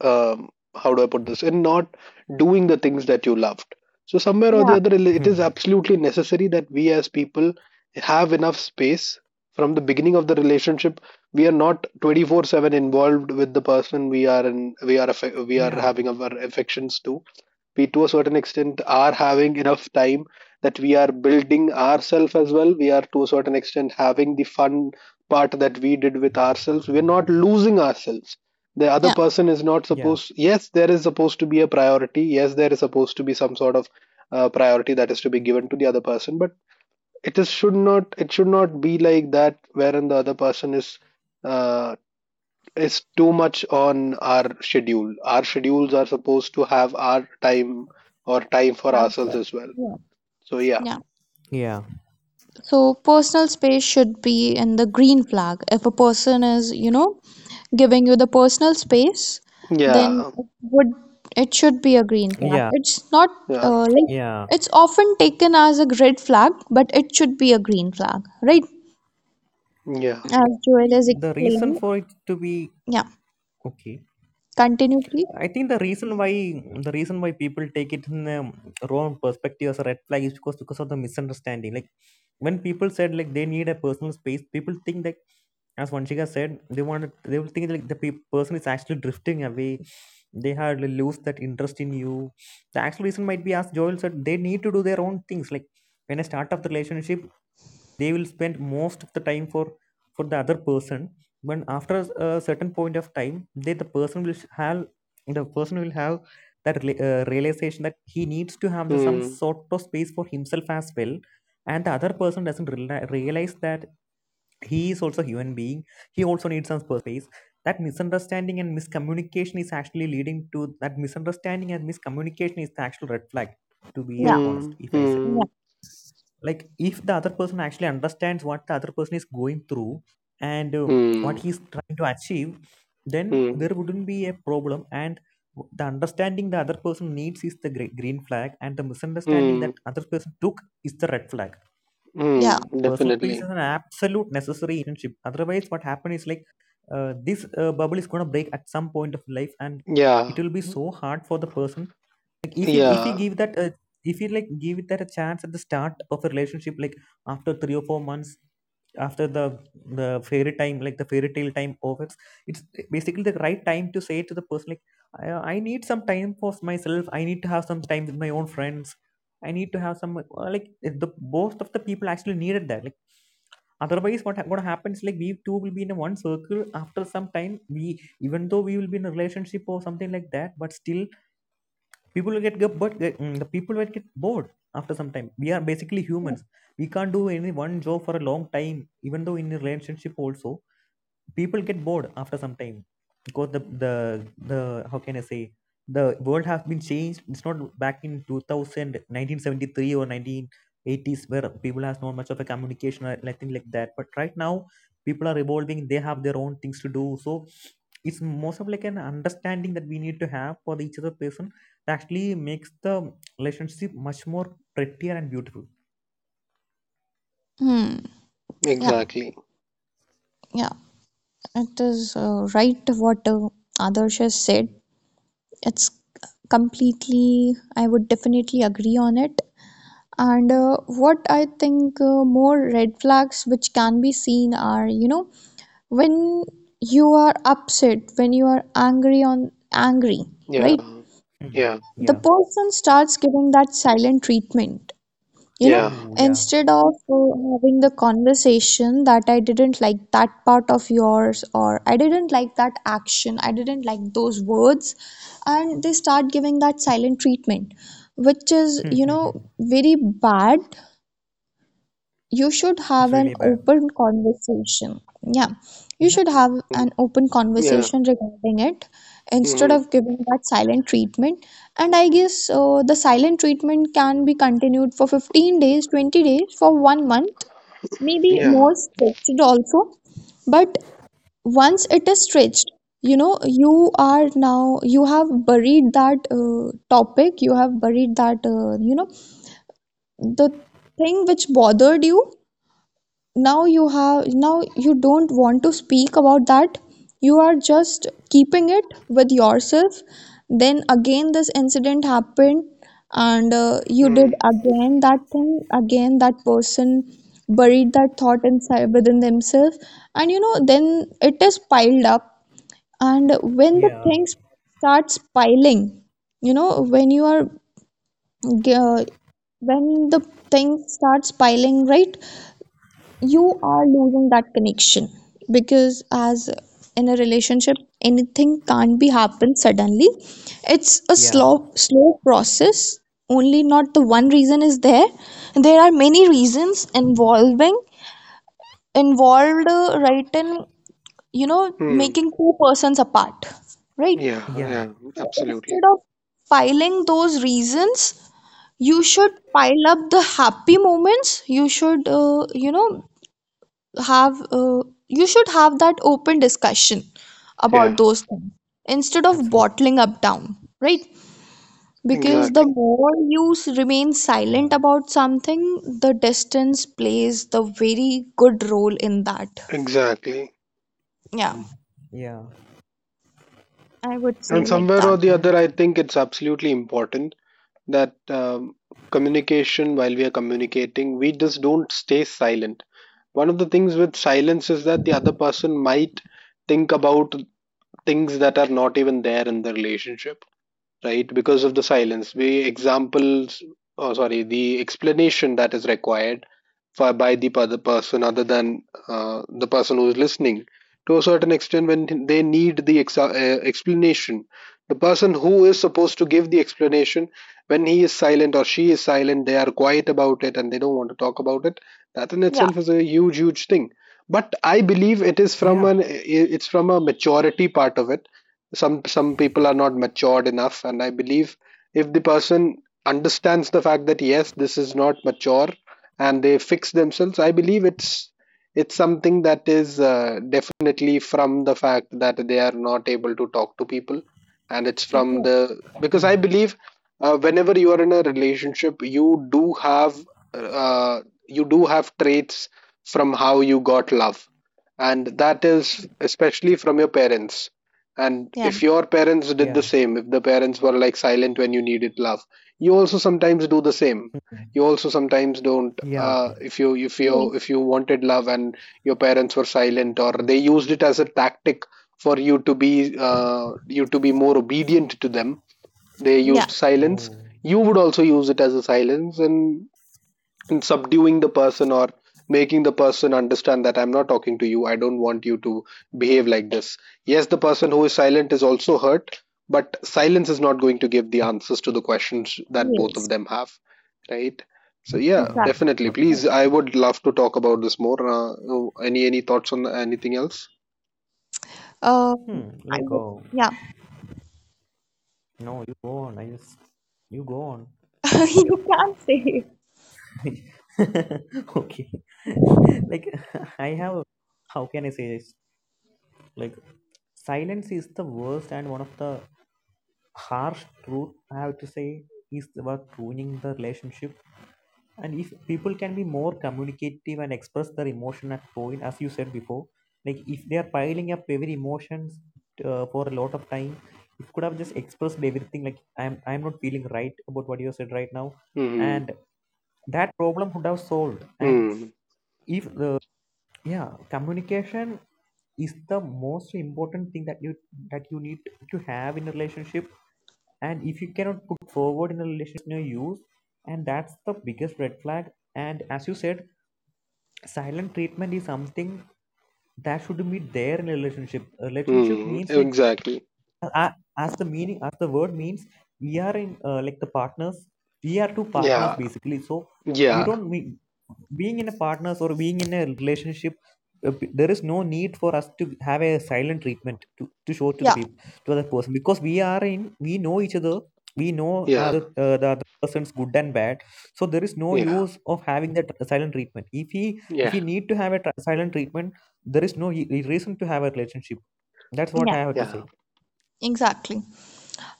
S1: um, how do I put this in not doing the things that you loved. So somewhere or
S2: yeah,
S1: the other, it is
S3: Hmm.
S1: absolutely necessary that we as people have enough space from the beginning of the relationship. We are not 24/7 involved with the person we are in. We are we are
S3: Yeah.
S1: having our affections to, we to a certain extent are having enough time that we are building ourselves as well, we are to a certain extent having the fun part that we did with ourselves, we're not losing ourselves. The other
S2: yeah,
S1: person is not
S3: Yeah,
S1: supposed, yes, there is supposed to be a priority, yes, there is supposed to be some sort of priority that is to be given to the other person, but it should not be like that wherein the other person is uh, it's too much on our schedule. Our schedules are supposed to have our time or time for
S2: that's
S1: ourselves
S2: good.
S1: as well.
S2: Yeah.
S1: So yeah.
S2: Yeah.
S3: yeah,
S2: So personal space should be in the green flag. If a person is, you know, giving you the personal space, then
S1: Yeah.
S2: it would, it should be a green flag.
S3: yeah,
S2: It's not
S1: Yeah.
S2: like
S3: yeah,
S2: it's often taken as a red flag, but it should be a green flag, right?
S1: Yeah.
S2: As Joel is
S3: the reason
S2: explaining.
S3: for it to be
S2: Yeah.
S3: okay.
S2: Continue, please.
S3: I think the reason why people take it in a wrong perspective as a red flag is because of the misunderstanding. Like when people said like they need a personal space, people think like, as Vanshika said, they want, they will think like the person is actually drifting away. They had lose that interest in you. The actual reason might be, as Joel said, they need to do their own things. Like when I start up the relationship, they will spend most of the time for the other person. But after a certain point of time, the person will have that realization that he needs to have some
S1: Hmm.
S3: sort of space for himself as well, and the other person doesn't realize that he is also a human being, he also needs some personal space. That misunderstanding and miscommunication is actually leading to that. Misunderstanding and miscommunication is the actual red flag, to be
S2: Yeah.
S1: Hmm.
S3: honest. If I say,
S1: Hmm.
S3: like, if the other person actually understands what the other person is going through and
S1: Hmm.
S3: what he's trying to achieve, then
S1: Hmm.
S3: there wouldn't be a problem. And the understanding the other person needs is the green flag, and the misunderstanding
S1: Hmm.
S3: that other person took is the red flag.
S2: Yeah.
S1: Hmm.
S3: Personal space
S1: Definitely.
S3: is an absolute necessary in a relationship. Otherwise what happen is, like, this bubble is going to break at some point of life, and it
S1: Yeah.
S3: will be so hard for the person. Like if you
S1: Yeah.
S3: give that a, if you, like, give it that a chance at the start of a relationship, like after 3 or 4 months, after the fairy time, like the fairy tale time over, it's basically the right time to say to the person, like, I need some time for myself, I need to have some time with my own friends, I need to have some, like, the both of the people actually needed that. Like otherwise, what what happens? Like we two will be in a one circle. After some time, we, even though we will be in a relationship or something like that, but still people will get- but get- mm, the people will get bored after some time. We are basically humans. We can't do any one job for a long time, even though in a relationship also people get bored after some time, because the how can I say, the world has been changed. It's not back in 2000, 1973 or 1980s where people has not much of a communication or anything like that. But right now, people are evolving. They have their own things to do. So it's most of like an understanding that we need to have for the each other person that actually makes the relationship much more prettier and beautiful.
S2: Hmm. Yeah.
S3: Hmm.
S1: Exactly.
S2: Yeah. It is right what Adarsh has said. It's completely, I would definitely agree on it. And what I think more red flags which can be seen are, you know, when you are upset, when you are angry on angry, right?
S1: Yeah.
S3: Hmm.
S1: Yeah.
S2: The
S3: Yeah.
S2: person starts giving that silent treatment, you know
S1: Yeah.
S3: Ooh, yeah.
S2: instead of having the conversation, that I didn't like that part of yours, or I didn't like that action, I didn't like those words. And they start giving that silent treatment, which is
S3: It's
S2: very bad. You should have an
S3: really bad.
S2: open conversation. Yeah, you
S3: Yeah.
S2: should have
S1: Mm.
S2: an open
S1: Yeah.
S2: conversation regarding it, instead
S1: Mm.
S2: of giving that silent treatment. And I guess the silent treatment can be continued for 15 days, 20 days, for one month, maybe more
S1: Yeah.
S2: stretched also. But once it is stretched, you have buried that topic, you have buried that, the thing which bothered you. Now you don't want to speak about that, you are just keeping it with yourself. Then again this incident happened, and you did
S1: Mm.
S2: again that thing. Again that person buried that thought inside within themselves. And then it is piled up. And when the
S3: Yeah.
S2: things starts piling, when you are uh, when the thing starts piling, right, you are losing that connection. Because as in a relationship, anything can't be happened suddenly. It's a
S3: Yeah,
S2: slow slow process only. Not the one reason is there are many reasons involving involved, right, in
S1: Mm.
S2: making two persons apart, right?
S1: Yeah.
S3: yeah,
S1: Yeah.
S2: So
S1: Absolutely.
S2: instead of piling those reasons, you should pile up the happy moments. Have uh, you should have that open discussion about
S1: Yeah.
S2: those things, instead of
S3: absolutely.
S2: bottling up down, right? Because the
S1: Exactly.
S2: more you remain silent
S3: Yeah.
S2: about something, the distance plays the very good role in that.
S1: Exactly.
S2: Yeah,
S3: Ooh. Yeah,
S2: I would
S1: And
S2: say like
S1: somewhere
S2: that.
S1: or the other,
S3: and
S1: I think it's absolutely important that communication, while we are communicating, we just don't stay silent. One of the things with silence is that the other person might think about things that are not even there in the relationship, right? Because of the silence. The examples, oh, sorry, the explanation that is required for by the other person, other than the person who's listening, to a certain extent, when they need the explanation, the person who is supposed to give the explanation, when he is silent or she is silent, they are quiet about it and they don't want to talk about it, that in
S2: Yeah,
S1: itself is a huge, huge thing. But I believe it is from
S3: yeah,
S1: an it's from a maturity part of it. Some people are not matured enough, and I believe if the person understands the fact that yes, this is not mature, and they fix themselves, I believe it's something that is definitely from the fact that they are not able to talk to people, and it's from
S2: yeah,
S1: the because I
S3: hmm,
S1: believe whenever you are in a relationship, you do have uh, traits from how you got love, and that is especially from your parents. And
S2: yeah.
S1: if your parents did
S3: yeah,
S1: the same, if the parents were like silent when you needed love, you also sometimes do the same. You also sometimes don't.
S3: yeah.
S1: uh, if you if you
S2: Yes,
S1: if you wanted love and your parents were silent, or they used it as a tactic for you to be more obedient to them, they used
S2: yeah,
S1: silence,
S3: Oh,
S1: you would also use it as a silence, and subduing the person or making the person understand that I'm not talking to you. I don't want you to behave like this. Yes, the person who is silent is also hurt, but silence is not going to give the answers to the questions that both of
S2: yes,
S1: them have, right? So yeah,
S3: no.
S2: exactly.
S1: definitely.
S3: But,
S1: Please, I would love to talk about this more. Oh, any thoughts on anything else?
S2: um
S3: hmm,
S2: I
S3: like,
S2: would,
S3: oh,
S2: yeah.
S3: no, you go on. I just, you go on.
S2: You can say.
S3: Okay. Like, I have, how can I say this? Like, silence is the worst and one of the harsh truth I have to say is about ruining the relationship. And if people can be more communicative and express their emotion at point, as you said before, like if they are piling up every emotions for a lot of time, it could have just expressed everything, like I'm not feeling right about what you said right now,
S1: Hmm.
S3: and that problem would have solved. And
S1: Hmm.
S3: if the, yeah, communication is the most important thing that you need to have in a relationship, and if you cannot put forward in a relationship, no use, and that's the biggest red flag. And as you said, silent treatment is something that should be there in a relationship. A relationship
S1: Hmm.
S3: means, like,
S1: Exactly.
S3: a- as the meaning, as the word means, we are in, like, the partners, we are two partners
S1: Yeah.
S3: basically. So we
S1: Yeah.
S3: don't we, being in a partners or being in a relationship, there is no need for us to have a silent treatment to show to the
S2: Yeah,
S3: people, to other person, because we are in, we know each other, we know
S1: Yeah.
S3: the other person's good and bad. So there is no
S1: Yeah.
S3: use of having that silent treatment. If he if
S1: Yeah.
S3: we need to have a silent treatment, there is no reason to have a relationship. That's what
S2: yeah,
S3: I have to say.
S1: Yeah.
S2: exactly.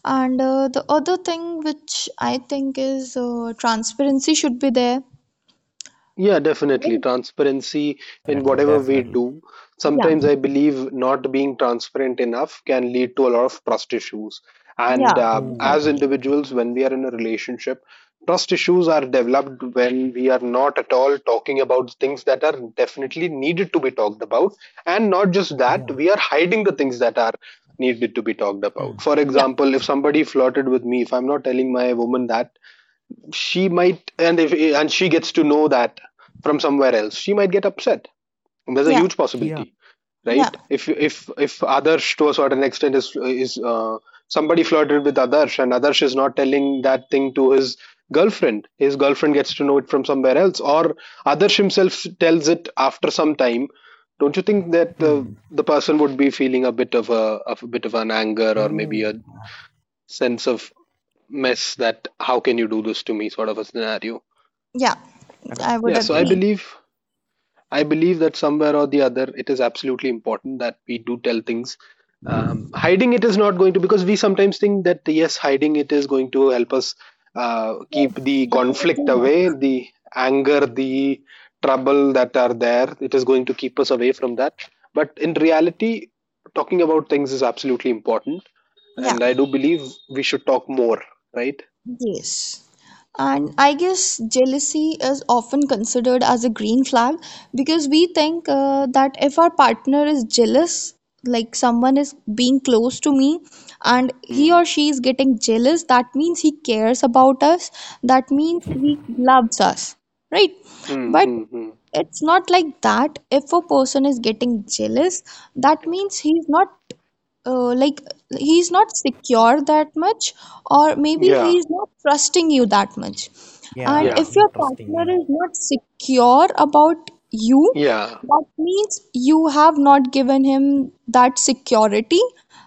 S2: And the other thing which I think is transparency should be there.
S1: Yeah, definitely.
S2: Right.
S1: Transparency in
S3: Definitely,
S1: whatever we
S3: definitely.
S1: do.
S2: Yeah,
S1: Sometimes I believe not being transparent enough can lead to a lot of trust issues. And
S2: yeah,
S3: Oh,
S1: as
S3: yeah.
S2: exactly.
S1: individuals, when we are in a relationship, trust issues are developed when we are not at all talking about things that are definitely needed to be talked about. And not just that,
S3: Yeah.
S1: we are hiding the things that are needed to be talked
S3: Hmm.
S1: about. For
S2: Yeah,
S1: example, if somebody flirted with me, if I'm not telling my woman that, she might and if and she gets to know that from somewhere else, she might get upset. There's a
S2: yeah,
S1: huge
S3: Yeah.
S1: possibility, right?
S2: yeah,
S1: If Adarsh to a certain extent is somebody flirted with Adarsh, and Adarsh is not telling that thing to his girlfriend, his girlfriend gets to know it from somewhere else, or Adarsh himself tells it after some time, don't you think that
S3: Hmm.
S1: the person would be feeling a bit of a bit of an anger, or maybe
S3: Oh,
S1: a sense of mess, that how can you do this to me, sort of a scenario?
S2: yeah,
S3: and
S2: I would
S1: Yeah, so i
S3: yeah.
S2: agree.
S1: believe i believe that somewhere or the other, it is absolutely important that we do tell things. Hiding it is not going to, because we sometimes think that yes, hiding it is going to help us
S2: No,
S1: keep the
S2: definitely
S1: conflict
S2: not.
S1: away, the anger, the trouble that are there, it is going to keep us away from that. But in reality, talking about things is absolutely important,
S2: Yeah.
S1: and I do believe we should talk more, right?
S2: Yes. And I guess jealousy is often considered as a green flag, because we think that if our partner is jealous, like someone is being close to me and he
S1: Mm.
S2: or she is getting jealous, that means he cares about us, that means he loves us, right? But
S1: Mm-hmm.
S2: it's not like that. If a person is getting jealous, that means uh, like he's not secure that much, or maybe
S1: Yeah,
S2: he's not trusting you that much. And
S3: Yeah.
S1: yeah,
S2: if your
S3: Not trusting.
S2: partner
S3: Yeah.
S2: is not secure about you,
S1: yeah,
S2: that means you have not given him that security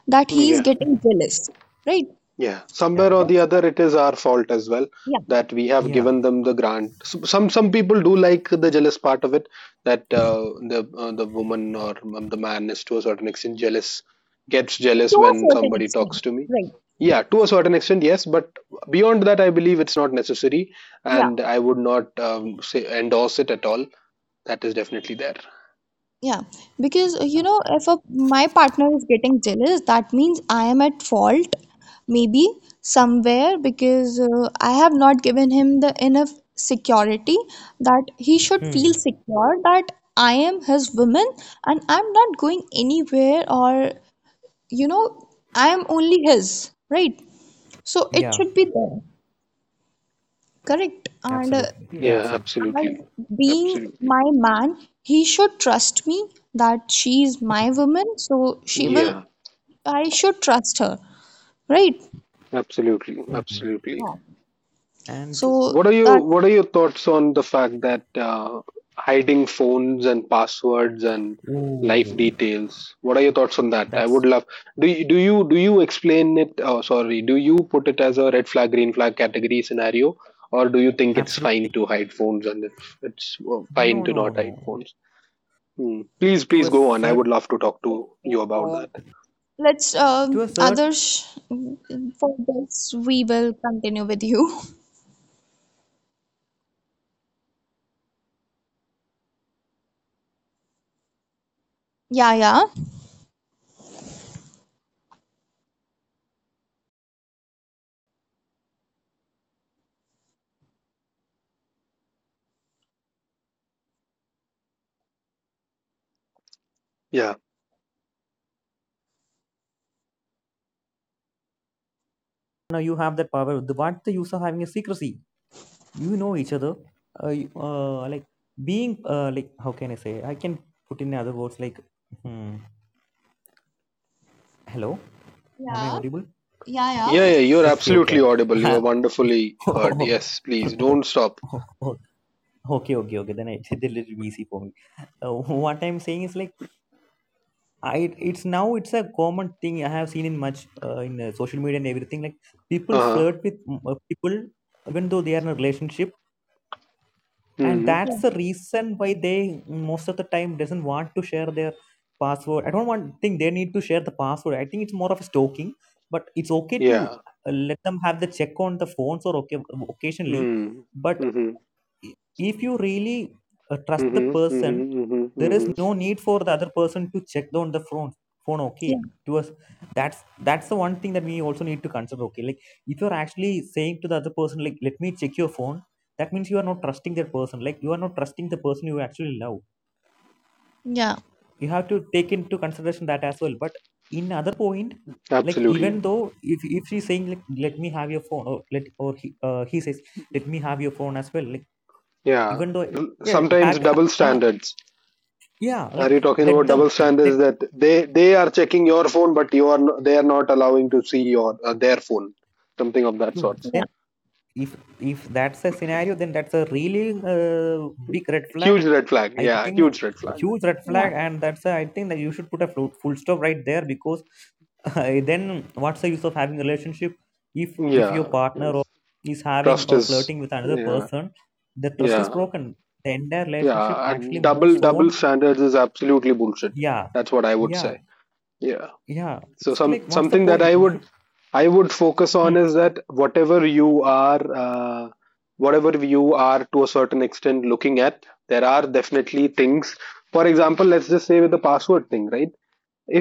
S2: that he is
S1: yeah,
S2: getting jealous, right?
S1: yeah.
S3: Yeah.
S1: Somewhere or the
S2: It's,
S1: other, it is our fault as well
S2: yeah,
S1: that we have
S3: Yeah.
S1: given them the grant. Some people do like the jealous part of it, that the woman or the man is to a certain extent jealous, gets
S2: to
S1: jealous
S2: a
S1: when
S2: certain
S1: somebody
S2: extent,
S1: talks to me.
S2: right?
S1: Yeah, to a certain extent, yes, but beyond that, I believe it's not necessary,
S2: Yeah.
S1: and I would not say endorse it at all. That is definitely there.
S2: Yeah, because if my partner is getting jealous, that means I am at fault, maybe somewhere, because I have not given him the enough security, that he should feel
S3: Hmm.
S2: secure, that I am his woman and I'm not going anywhere, or you know, I am only his, right? So it
S3: Yeah.
S2: should be there, correct? And
S3: Absolutely. Yeah.
S1: Yeah,
S3: Absolutely.
S1: absolutely,
S2: as being
S1: absolutely.
S2: my man, he should trust me that she is my woman,
S1: Yeah.
S2: I should trust her, right?
S1: Absolutely,
S3: Hmm.
S1: absolutely.
S3: And
S2: So
S1: What are you?
S2: that
S1: What are your thoughts on the fact that hiding phones and passwords and life
S3: oh.
S1: details? What are your thoughts on that? I would
S3: That's
S1: love. Do you explain it? Oh, sorry. Do you put it as a red flag, green flag category scenario, or do you think it's
S3: absolutely
S1: fine to hide phones, and if it's fine
S3: no,
S1: to
S3: no,
S1: not hide
S3: no.
S1: phones? Hmm. Please,
S3: To a
S1: please go on. I
S3: cert,
S1: would love to talk to you about that.
S2: so let's,
S3: to a cert,
S2: others, for this we will continue with you. Yeah, yeah,
S1: Yeah.
S3: now you have that power, the, what the use of having a secrecy? You know each other, you- like being like how can I say, I can put in other words, like hmm, hello, am I
S2: yeah,
S3: audible?
S1: Yeah,
S2: yeah,
S1: yeah, you're
S3: Okay,
S1: absolutely
S3: okay.
S1: audible. You're wonderfully heard.
S3: Oh,
S1: Yes, please
S3: oh,
S1: don't stop.
S3: oh, oh, okay okay okay, then I did a little easy for me. uh, what I'm saying is, like, I, it's now, it's a common thing I have seen in much in social media and everything, like people
S1: Uh-huh.
S3: flirt with people, even though they are in a relationship, and
S1: Mhm.
S3: that's
S2: yeah.
S3: the reason why they most of the time doesn't want to share their password. I don't want think they need to share the password. I think it's more of a stalking, but it's okay to
S1: Yeah.
S3: let them have the check on the phones or okay occasionally.
S1: Mm.
S3: But
S1: Mhm.
S3: if you really trust the
S1: Mhm.
S3: person,
S1: Mhm. Mhm.
S3: there is
S1: Mhm.
S3: no need for the other person to check on the phone okay
S2: Yeah,
S3: to us. that's that's the one thing that we also need to consider. Okay, like if you're actually saying to the other person, like, let me check your phone, that means you are not trusting that person, like you are not trusting the person you actually love.
S2: yeah, yeah,
S3: You have to take into consideration that as well. But in other point, like even
S1: Absolutely.
S3: though if she's saying, like, let me have your phone, or let, or he says, let me have your phone as well, like,
S1: Yeah.
S3: even though it's, like,
S1: Double,
S3: yeah,
S1: sometimes
S3: have
S1: double standards.
S3: yeah,
S1: Are
S3: like,
S1: you talking
S3: let
S1: about
S3: them,
S1: double
S3: let
S1: standards that they are checking your phone, but you are no- they are not allowing to see your their phone, something of that
S3: you,
S1: sort?
S2: yeah,
S3: then if that's a scenario, then that's a really uh, big red flag,
S1: Huge red flag.
S3: I
S1: Yeah,
S3: think.
S1: huge red flag.
S3: Huge red
S2: yeah,
S3: flag. And that's a, I think that you should put a full, full stop right there, because then what's the use of having a relationship if your
S1: Yeah.
S3: partner or
S1: Yes.
S3: is having
S1: Trust
S3: or
S1: is.
S3: flirting with another
S1: Yeah.
S3: person, the trust is
S1: Yeah.
S3: broken, the entire relationship
S1: Yeah.
S3: actually
S1: And
S3: moves
S1: double
S3: on.
S1: standards is absolutely bullshit.
S3: Yeah,
S1: That's what I would
S3: yeah,
S1: say. Yeah.
S3: yeah.
S1: So
S3: It's like,
S1: some
S3: what's the
S1: something that
S3: point?
S1: i
S3: You
S1: would
S3: should-
S1: i would focus on
S3: hmm.
S1: is that whatever you are to a certain extent looking at, there are definitely things, for example, let's just say with the password thing, right?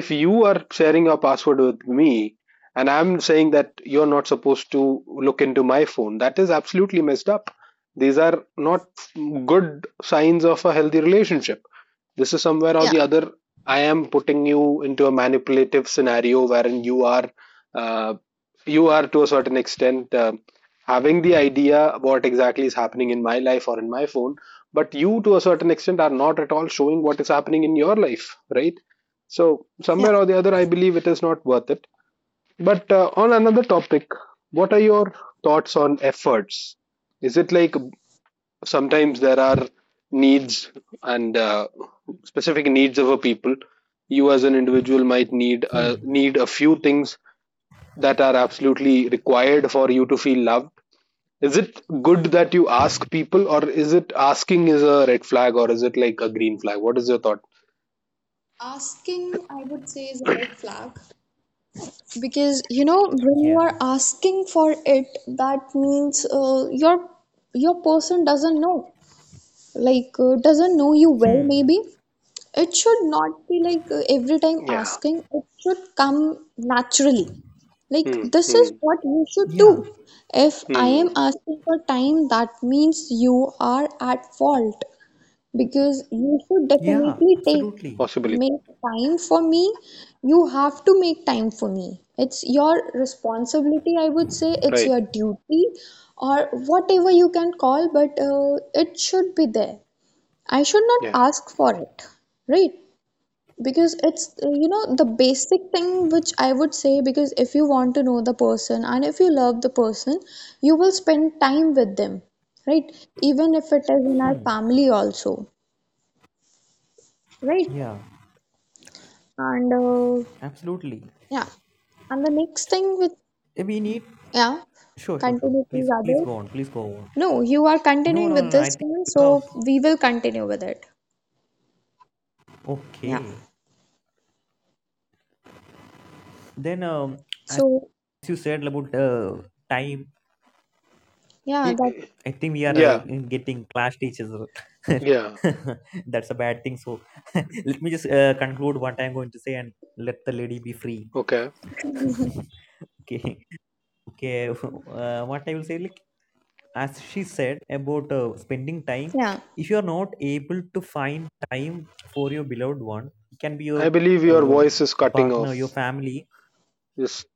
S1: If you are sharing your password with me, and I'm saying that you're not supposed to look into my phone, that is absolutely messed up. These are not good signs of a healthy relationship. This is somewhere or
S2: yeah.
S1: the other I am putting you into a manipulative scenario wherein uh, you are to a certain extent having the idea what exactly is happening in my life or in my phone, but you to a certain extent are not at all showing what is happening in your life, right? So
S2: Yeah.
S1: somewhere or the other, I believe it is not worth it. But on another topic, what are your thoughts on efforts? Is it like sometimes there are needs and specific needs of a people? You as an individual might need uh,
S3: Hmm.
S1: need a few things that are absolutely required for you to feel loved. Is it good that you
S3: Hmm.
S1: ask people, or is it asking is a red flag, or is it like a green flag? What is your thought?
S2: Asking, I would say, is a red flag. Because when you are
S3: Yeah.
S2: asking for it, that means your person doesn't know, like, doesn't know you well.
S3: Hmm.
S2: Maybe it should not be like, every time
S1: Yeah.
S2: asking. It should come naturally. Like,
S1: Hmm,
S2: this is
S1: hmm,
S2: what you should do.
S3: Yeah.
S2: If I am
S1: hmm.
S2: asking for time, that means you are at fault, because you should
S3: Yeah.
S2: definitely take
S3: Absolutely.
S1: Possibly
S2: make time for me. You have to make time for me. It's your responsibility, I would say. It's your
S1: right.
S2: duty, or whatever you can call, but it should be there. I should not
S1: Yeah.
S2: ask for it, right? Because it's, the basic thing which I would say. Because if you want to know the person, and if you love the person, you will spend time with them, right? Even if it is in our
S3: Hmm.
S2: family, also, right?
S3: Yeah.
S2: And uh,
S3: Absolutely.
S2: yeah, and the next thing with,
S3: Eh, we need.
S2: yeah,
S3: Sure. Sure. Sure.
S2: continue please,
S3: Please. Please
S2: others.
S3: go on. Please go on.
S2: No, you are
S3: No.
S2: continuing
S3: No.
S2: with
S3: No. No. I
S2: this
S3: think.
S2: one,
S3: Because,
S2: so we will continue with it. Yeah.
S3: okay. Then, as
S2: So
S3: you said about time,
S2: yeah,
S1: Y-
S2: that.
S3: I think we are
S1: yeah,
S3: getting class teachers.
S1: yeah,
S3: That's a bad thing. So, let me just conclude what I'm going to say and let the lady be free.
S1: okay.
S3: Okay. Okay. What I will say, like, as she said about spending time,
S2: Yeah,
S3: if you are not able to find time for your beloved one, it can be your
S1: I believe your
S3: um,
S1: voice is cutting
S3: partner, your
S1: off.
S3: family,
S1: Just,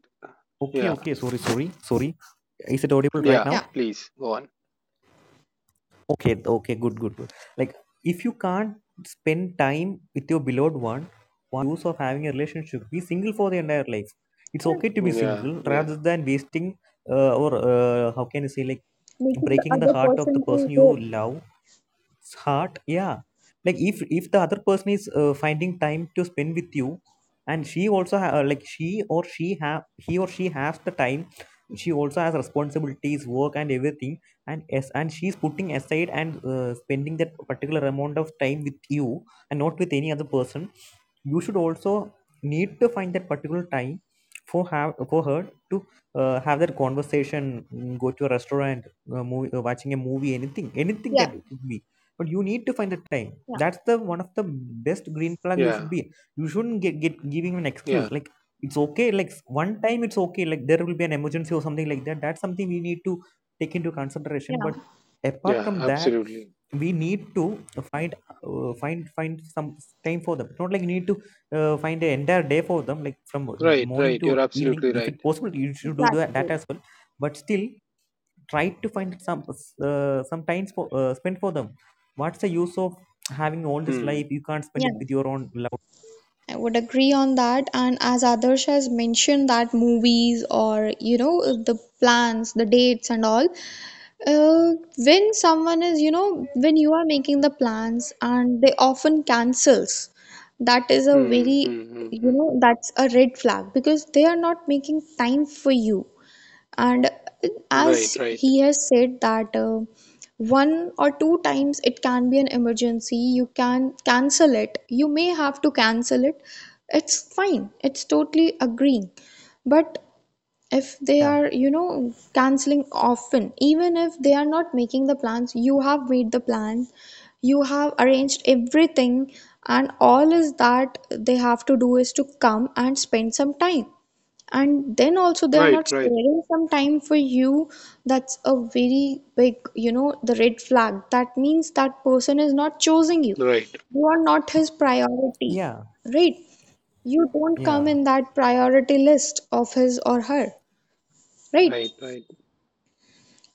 S3: okay
S1: yeah,
S3: okay, sorry sorry sorry, is it audible right
S1: yeah,
S3: now?
S2: yeah,
S1: please go on.
S3: Okay, okay, good good good. Like if you can't spend time with your beloved one, use of having a relationship, be single for the entire life. It's
S2: yeah.
S3: okay to be
S1: Mhm. Yeah,
S3: single
S1: yeah,
S3: rather than wasting or how can you say, like,
S2: Making the
S3: breaking the
S2: other
S3: heart of the
S2: person
S3: person
S2: to
S3: you
S2: hope.
S3: love. It's hard. Yeah, like if the other person is finding time to spend with you, and she also like, she or she have, he or she has the time, she also has responsibilities, work and everything, and as, and she's putting aside and spending that particular amount of time with you and not with any other person, you should also need to find that particular time for have for her to have that conversation, go to a restaurant, movie, watching a movie, anything, anything
S2: Yeah,
S3: can be, but you need to find the time.
S2: yeah,
S3: That's the one of the best green flag. You
S1: yeah,
S3: should be, you shouldn't get giving an
S1: yeah,
S3: excuse, like it's okay, like one time it's okay, like there will be an emergency or something like that, that's something we need to take into consideration.
S2: yeah,
S3: But apart
S1: yeah,
S3: from that,
S1: absolutely.
S3: we need to find find some time for them. Not like you need to find an entire day for them, like from
S1: Right,
S3: morning
S1: right.
S3: to
S1: You're
S3: evening,
S1: absolutely
S2: yeah,
S3: if
S1: right.
S3: it's possible you should do that, that
S2: exactly.
S3: as well, but still try to find some times for spend for them. What's the use of having all this
S1: Hmm.
S3: life, you can't spend
S2: Yeah,
S3: it with your own love?
S2: I would agree on that. And as Adarsh has mentioned, that movies, or the plans, the dates and all, when someone is, you know, when you are making the plans and they often cancels, that is a
S1: Hmm.
S2: very,
S1: Hmm. Hmm.
S2: you
S1: Hmm.
S2: know, that's a red flag, because they are not making time for you. And
S1: Right,
S2: as
S1: right,
S2: he has said, that one or two times it can be an emergency, you can cancel it. You may have to cancel it. It's fine. It's totally agreeing. But if they
S3: Yeah,
S2: are canceling often, even if they are not making the plans. You have made the plan, you have arranged everything, and all is that they have to do is to come and spend some time, and then also they are
S1: right,
S2: not
S1: right,
S2: sparing some time for you. That's a very big, the red flag. That means that person is not choosing you,
S1: right,
S2: you are not his priority,
S3: yeah,
S2: right? You don't
S3: yeah.
S2: come in that priority list of his or her.
S1: right,
S2: Right,
S1: right.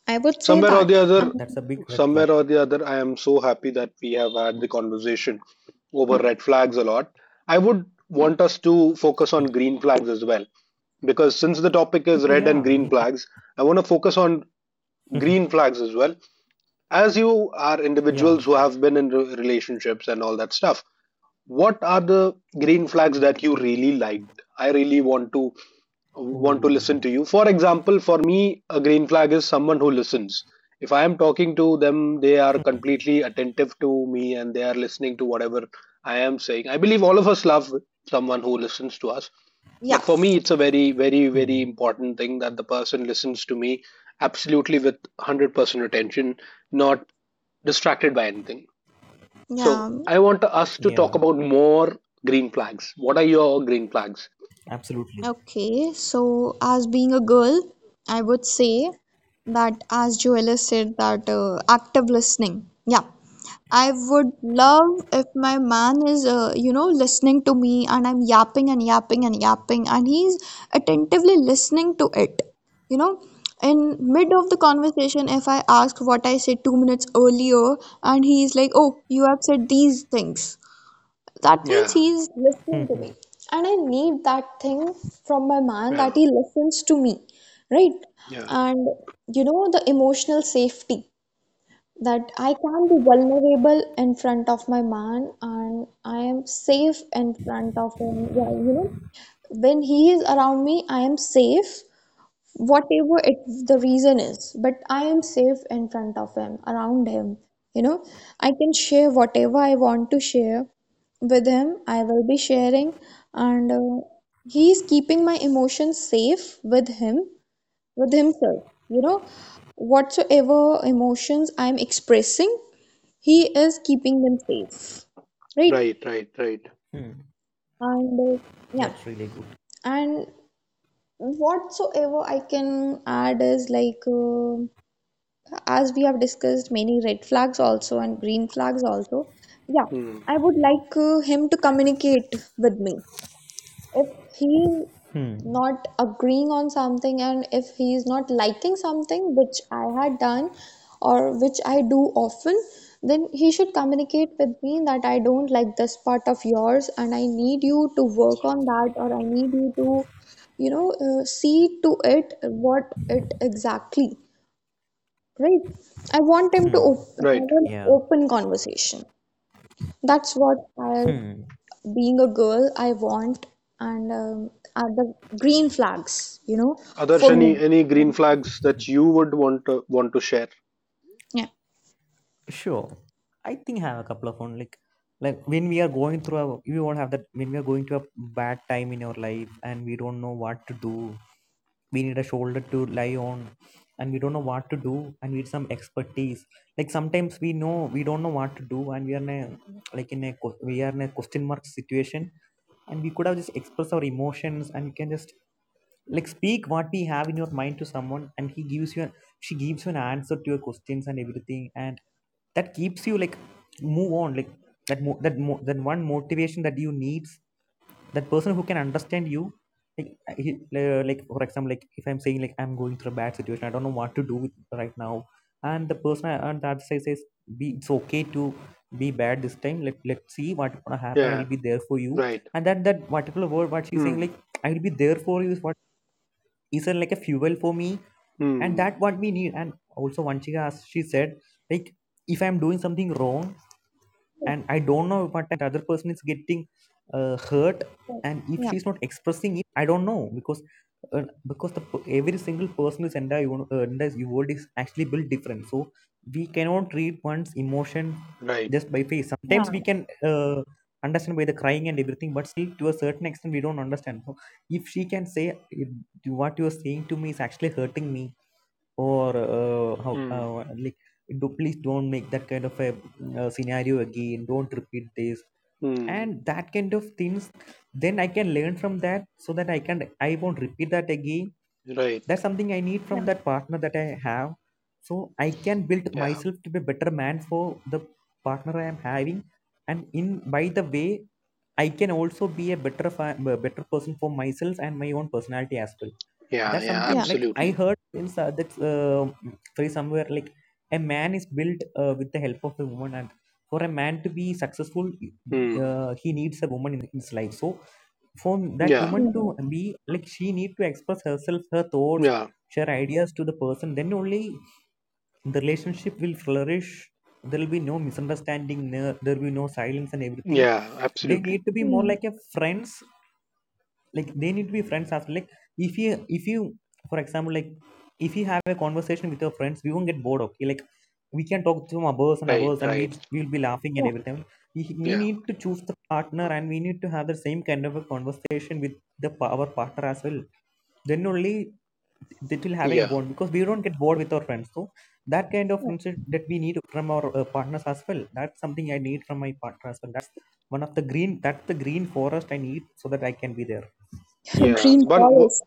S2: I would say
S1: Somewhere or the
S2: that.
S1: other,
S3: That's a big red flag.
S1: somewhere or the other, I am so happy that we have had the conversation over red flags a lot. I would want us to focus on green flags as well, because since the topic is
S3: Oh
S1: red and
S3: yeah.
S1: green flags, I want to focus on green flags as well. As you are
S3: Yeah.
S1: individuals who have been in relationships and all that stuff, what are the green flags that you really liked? I really want to
S3: Oh,
S1: listen to you. For example, for me, a green flag is someone who listens. If I am talking to them, they are completely attentive to me and they are listening to whatever I am saying. I believe all of us love someone who listens to us,
S2: Yeah,
S1: but for me it's a very, very, very
S3: hmm.
S1: important thing that the person listens to me absolutely with 100% attention, not distracted by anything.
S2: yeah.
S1: So I want us to talk
S3: Yeah,
S1: about more green flags. What are your green flags?
S3: absolutely.
S2: Okay, so as being a girl, I would say that, as Joella said, that active listening. Yeah, I would love if my man is, listening to me, and I'm yapping and yapping and yapping, and he's attentively listening to it. You know, in mid of the conversation, if I ask what I said 2 minutes earlier, and he's like, oh, you have said these things. That means
S1: Yeah,
S2: he's
S3: Hmm,
S2: listening to
S3: hmm,
S2: me. And I need that thing from my man, that
S1: yeah,
S2: he listens to me, right?
S1: yeah.
S2: And you know, the emotional safety, that I can be vulnerable in front of my man, and I am safe in front of him. Yeah, you know, when he is around me, I am safe, whatever it the reason is, but I am safe in front of him, around him. you know I can share whatever I want to share with him, I will be sharing. And he is keeping my emotions safe, with himself. you know Whatsoever emotions I am expressing, he is keeping them safe, right.
S1: Right, right, right.
S3: hmm.
S2: and uh, yeah
S3: That's really good.
S2: and whatsoever I can add is, like, as we have discussed, many red flags also and green flags also. Yeah,
S1: Hmm.
S2: I would like him to communicate with me, if he
S3: Hmm.
S2: not agreeing on something, and if he is not liking something which I had done, or which I do often, then he should communicate with me, that I don't like this part of yours, and I need you to work on that, or I need you to see to it what it exactly, right? I want him to
S3: Hmm.
S1: Right.
S2: have an
S3: Yeah.
S2: open conversation. That's what I,
S3: Hmm.
S2: being a girl, I want, and are the green flags,
S1: Others,
S2: for
S1: any
S2: me.
S1: any green flags that you would want to share?
S2: Yeah,
S3: Sure. I think I have a couple of on, like when we are going through a, we won't have that, when we are going to a bad time in our life and we don't know what to do. We need a shoulder to lie on and we don't know what to do and we need some expertise. Like sometimes we know we don't know what to do and we are in a we are in a question mark situation and we could have just expressed our emotions and we can just like speak what we have in your mind to someone and he gives you an she gives you an answer to your questions and everything, and that keeps you like move on like that one motivation, that you needs that person who can understand you like like for example, like if I'm saying like I'm going through a bad situation, I don't know what to do with right now, and the person I- on that side says be it's okay to be bad this time, let let's see what gonna happen, I
S1: Yeah.
S3: will be there for you.
S1: Right.
S3: And that particular word what she's saying,
S1: Hmm.
S3: like I will be there for you, is what is a, like a fuel for me, and
S1: Hmm.
S3: that what we need. And also Vanchika, as she said, like if I'm doing something wrong
S2: yeah,
S3: and I don't know what the other person is getting hurt, and if
S2: yeah,
S3: she's not expressing it, I don't know, because uh, every single person is entire world is actually built different, so we cannot read one's emotion
S1: Right.
S3: just by face. Sometimes we
S2: yeah,
S3: can uh, understand by the crying and everything, but still to a certain extent we don't understand. So if she can say if what you're saying to me is actually hurting me, or how
S1: Hmm.
S3: like do, please don't make that kind of a scenario again, don't repeat this
S1: Hmm.
S3: and that kind of things, then I can learn from that, so that I can I won't repeat that again.
S1: Right.
S3: That's something I need from
S2: yeah,
S3: that partner that I have, so I can build
S1: Yeah.
S3: myself to be a better man for the partner I am having, and in by the way I can also be a better a better person for myself and my own personality as well.
S1: Yeah.
S3: That's
S1: Yeah.
S3: something
S2: yeah.
S3: like I
S1: Absolutely.
S3: heard in that free somewhere, like a man is built with the help of a woman, and for a man to be successful,
S1: Hmm.
S3: he needs a woman in his life. So for that
S1: Yeah.
S3: woman to
S2: Mm,
S3: be like she need to express herself, her thoughts,
S1: Yeah.
S3: share ideas to the person, then only the relationship will flourish. There will be no misunderstanding, no- there will be no silence and everything.
S1: Yeah.
S3: They need
S1: Absolutely.
S3: to be more
S2: mm,
S3: like a friends, like they need to be friends after like if you if you for example, like if you have a conversation with your friends, we won't get bored. Okay, like we can talk to hours and
S1: Right.
S3: hours and we
S1: Right.
S3: will be laughing and
S2: yeah,
S3: everything. We
S1: Yeah.
S3: need to choose the partner and we need to have the same kind of a conversation with the our partner as well, then only that will have a
S1: Yeah.
S3: bond, because we don't get bored with our friends. So that kind of
S2: yeah.
S3: friendship that we need from our partners as well, that's something I need from my partner as well. That's one of the green that's the green forest I need, so that I can be there.
S1: Yeah.
S2: Green
S1: One.
S2: forest.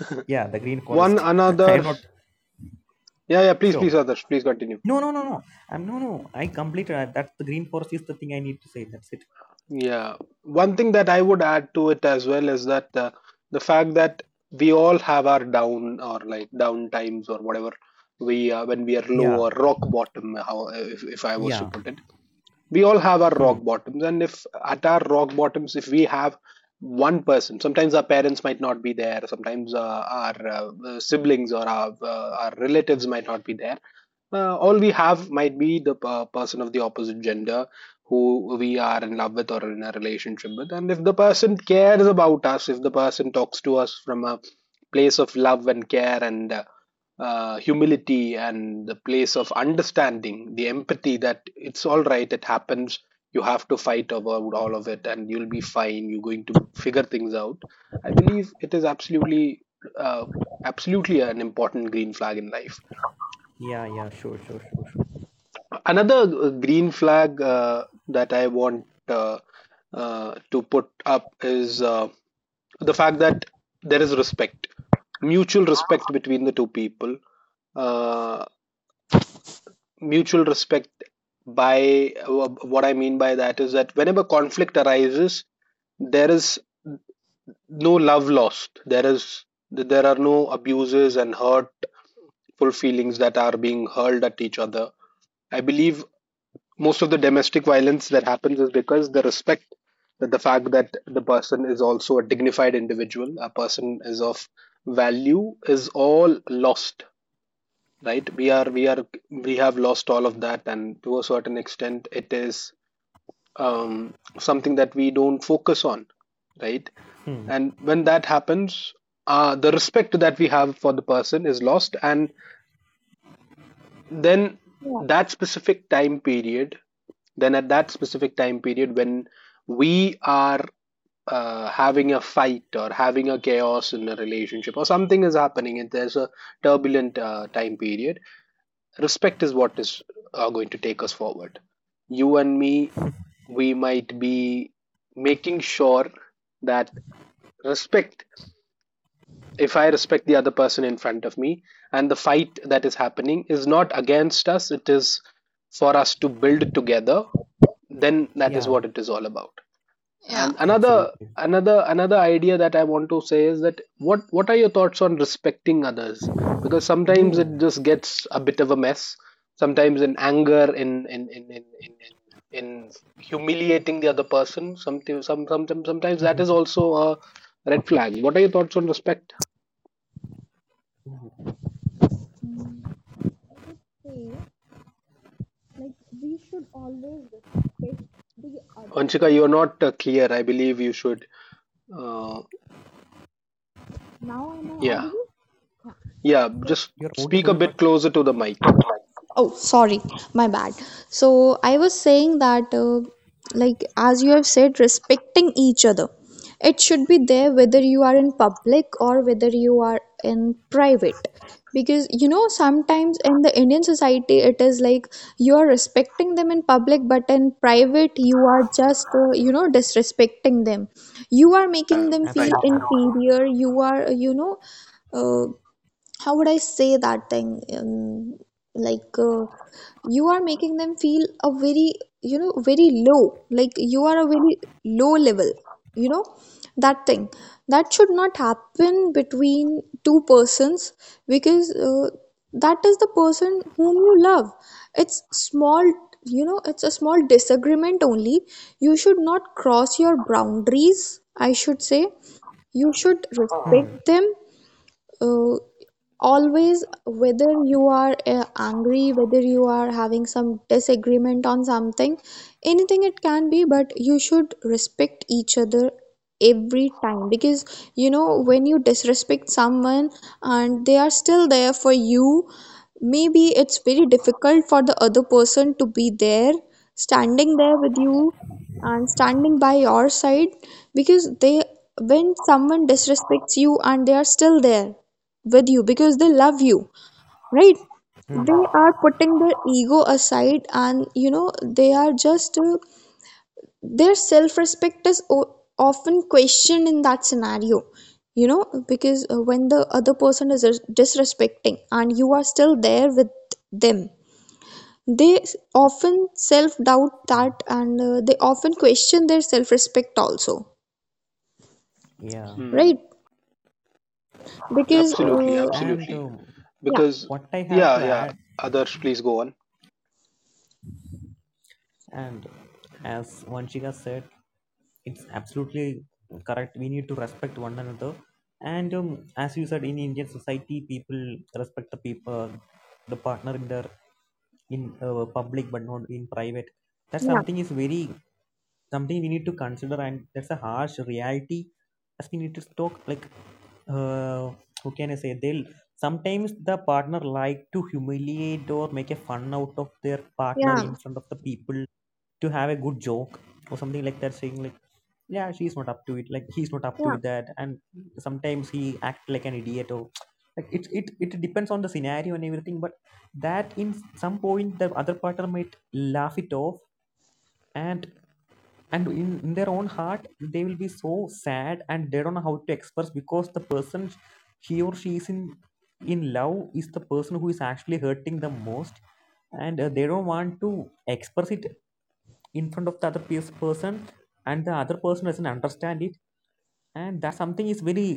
S3: Yeah, the Green
S1: One
S3: Forest. I am
S1: another,
S3: not
S1: yeah, yeah. Please, please,
S3: sure.
S1: others, please continue.
S3: No, no, no, no. I'm no, no. I completed. I, that's the Green Forest is the thing I need to say. That's it.
S1: Yeah, one thing that I would add to it as well is that the fact that we all have our down, or like down times or whatever we when we are
S3: Yeah,
S1: low or rock bottom, how if I was to
S3: yeah.
S1: put it. We all have our
S3: Hmm.
S1: rock bottoms, and if at our rock bottoms, if we have one person, sometimes our parents might not be there, sometimes our siblings, or our relatives might not be there. All we have might be the person of the opposite gender who we are in love with or in a relationship with. And if the person cares about us, if the person talks to us from a place of love and care, and humility, and the place of understanding, the empathy that it's all right, it happens. You have to fight about all of it, and you'll be fine. You're going to figure things out. I believe it is uh, absolutely an important green flag in life.
S3: Yeah, yeah. Sure, sure, sure, sure.
S1: Another green flag that I want to put up is the fact that there is respect, mutual respect between the two people. Uh, Mutual respect, by what I mean by that is that whenever conflict arises, there is no love lost. There are no abuses and hurtful feelings that are being hurled at each other. I believe most of the domestic violence that happens is because the respect, that the fact that the person is also a dignified individual, a person is of value, is all lost, right? We have lost all of that, and to a certain extent it is something that we don't focus on, right?
S3: Hmm.
S1: And when that happens, the respect that we have for the person is lost. And then
S2: Yeah.
S1: that specific time period, then at that specific time period when we are having a fight, or having a chaos in a relationship, or something is happening, and there's a turbulent time period, respect is what is going to take us forward. You and me, we might be making sure that respect, if I respect the other person in front of me, and the fight that is happening is not against us, it is for us to build together, then that is
S3: Yeah,
S1: what it is all about. And another
S3: absolutely.
S1: another another idea that I want to say is that what are your thoughts on respecting others? Because sometimes
S3: Ooh.
S1: it just gets a bit of a mess. Sometimes in anger, in humiliating the other person. Sometimes some sometimes sometimes that
S3: Mhm.
S1: is also a red flag. What are your thoughts on respect?
S3: Ooh.
S2: I would say, like, we should always respect the other
S1: Anshika, you are
S2: person.
S1: not clear. I believe you should. Uh,
S2: Now am I
S1: yeah,
S2: audible? Yeah.
S1: yeah.
S2: So.
S1: Just
S3: You're
S1: speak a
S3: audible, but
S1: bit closer to the mic.
S2: Oh, sorry, my bad. So I was saying that, like, as you have said, respecting each other, it should be there, whether you are in public or whether you are in private. Because, you know, sometimes in the Indian society, it is like you are respecting them in public, but in private, you are just, disrespecting them. You are making them feel
S1: Right.
S3: absolutely.
S2: inferior. You are, uh, how would I say that thing? Like, you are making them feel a very, very low. Like, you are a very low level. You know, that thing that should not happen between two persons, because that is the person whom you love. It's small. You know, it's a small disagreement only. You should not cross your boundaries, I should say, you should
S3: Hmm.
S2: respect them. Uh, Always, whether you are angry, whether you are having some disagreement on something, anything, it can be, but you should respect each other every time. Because when you disrespect someone and they are still there for you, maybe it's very difficult for the other person to be there, standing there with you and standing by your side. Because they when someone disrespects you and they are still there with you, because they love you, right,
S3: Hmm.
S2: they are putting their ego aside. And they are just, their self respect is often questioned in that scenario. You know, because when the other person is disrespecting, and you are still there with them, they often self doubt
S3: hmm.
S2: that. And they often question their self respect also,
S3: Yeah.
S1: Hmm.
S2: right? Because
S1: Absolutely,
S3: And
S1: absolutely.
S2: yeah,
S1: Because,
S3: what I have
S1: yeah,
S3: to
S1: yeah,
S3: add,
S1: others please go on.
S3: and as Vanshika said, it's absolutely correct, we need to respect one another. And as you said, in Indian society people respect the people the partner in their in public, but not in private. That
S2: yeah,
S3: something is very something we need to consider, and that's a harsh reality, as we need to talk like uh, how can I say, they'll sometimes the partner like to humiliate or make a fun out of their
S2: yeah,
S3: partner in
S2: yeah,
S3: front of the people to have a good joke or something like that, saying like yeah she's not up to it, like he's not up to it, that, and sometimes he act like an idiot or like it depends on the scenario and everything. But that in some point the other partner might laugh it off, and and in their own heart they will be so sad, and they don't know how to express, because the person he or she is in love is the person who is actually hurting them most. And they don't want to express it in front of the other person, and the other person doesn't understand it, and that something is very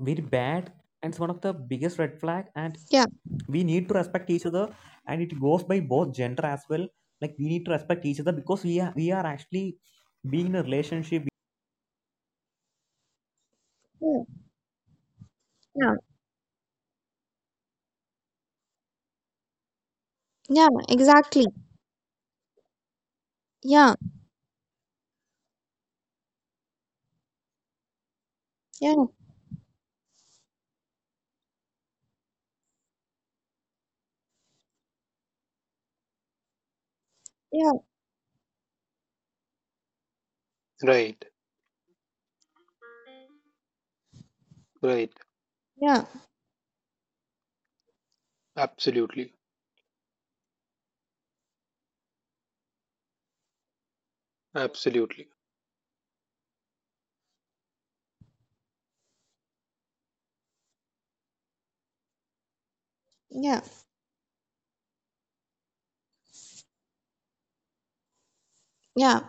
S3: very bad, and it's one of the biggest red flag. And
S2: yeah,
S3: we need to respect each other, and it goes by both gender as well, like we need to respect each other because we are actually being in a relationship.
S2: yeah, yeah. Yeah, exactly. Yeah, yeah, yeah,
S1: Right, right.
S2: yeah,
S1: Absolutely, absolutely.
S2: yeah, yeah.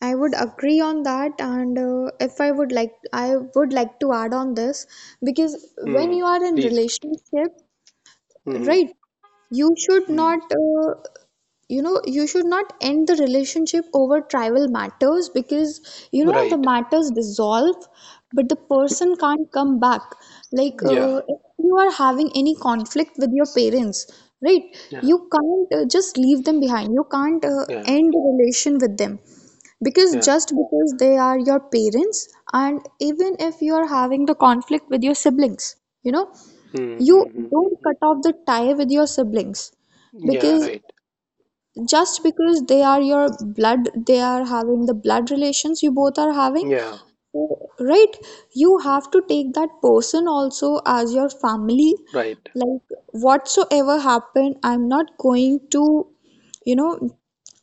S2: I would agree on that, and if I would like, I would like to add on this. Because when
S1: Mm,
S2: you are in
S1: please.
S2: relationship,
S1: Mm-hmm.
S2: right, you should
S1: Mm.
S2: not you know you should not end the relationship over tribal matters. Because the
S1: Right.
S2: matters dissolve, but the person can't come back. Like,
S1: Yeah,
S2: if you are having any conflict with your parents, right,
S1: yeah,
S2: you can't just leave them behind, you can't
S1: yeah,
S2: end a relation with them, because
S1: yeah.
S2: just because they are your parents. And even if you are having the conflict with your siblings, you know you don't
S1: Mm-hmm.
S2: cut off the tie with your siblings,
S1: Yeah,
S2: because
S1: right.
S2: just because they are your blood, they are having the blood relations, you both are having.
S1: Yeah,
S2: So, right, you have to take that person also as your family.
S1: right.
S2: Like, whatsoever happened, I'm not going to you know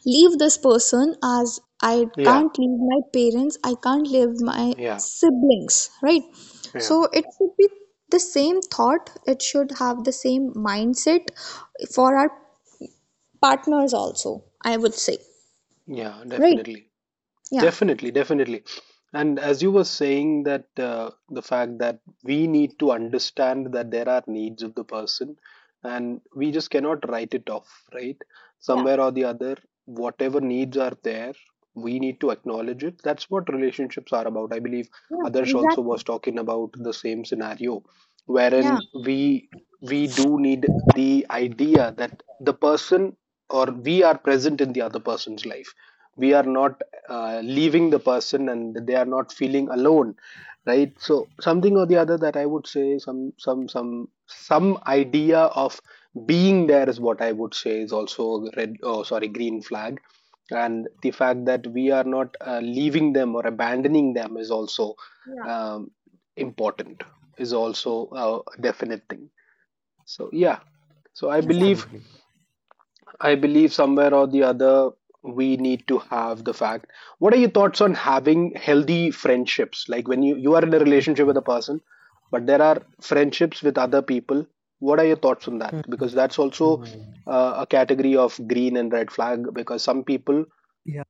S2: leave this person, as I
S1: Yeah,
S2: can't leave my parents, I can't leave my
S1: yeah,
S2: siblings, right?
S1: yeah,
S2: So it should have the same mindset for our partners also, I would say,
S1: yeah,
S2: right?
S1: definitely.
S2: Yeah,
S1: Definitely, definitely. And as you were saying that, the fact that we need to understand that there are needs of the person and we just cannot write it off, right?
S2: yeah,
S1: Somewhere or the other, whatever needs are there, we need to acknowledge it. That's what relationships are about. I believe
S2: yeah,
S1: Adarsh also
S2: exactly.
S1: was talking about the same scenario wherein
S2: Yeah,
S1: we do need the idea that the person, or we are present in the other person's life, we are not leaving the person and they are not feeling alone, right? So something or the other that I would say, some idea of being there is what I would say is also a red, oh sorry, green flag. And the fact that we are not leaving them or abandoning them is also
S2: yeah,
S1: um, important, is also a definite thing. So yeah, so i believe
S2: exactly.
S3: Absolutely.
S1: I believe somewhere or the other we need to have the fact. What are your thoughts on having healthy friendships? Like when you are in a relationship with a person, but there are friendships with other people. What are your thoughts on that?
S3: Hmm.
S1: Because that's also a category of green and red flag. Because some people,
S3: Yeah,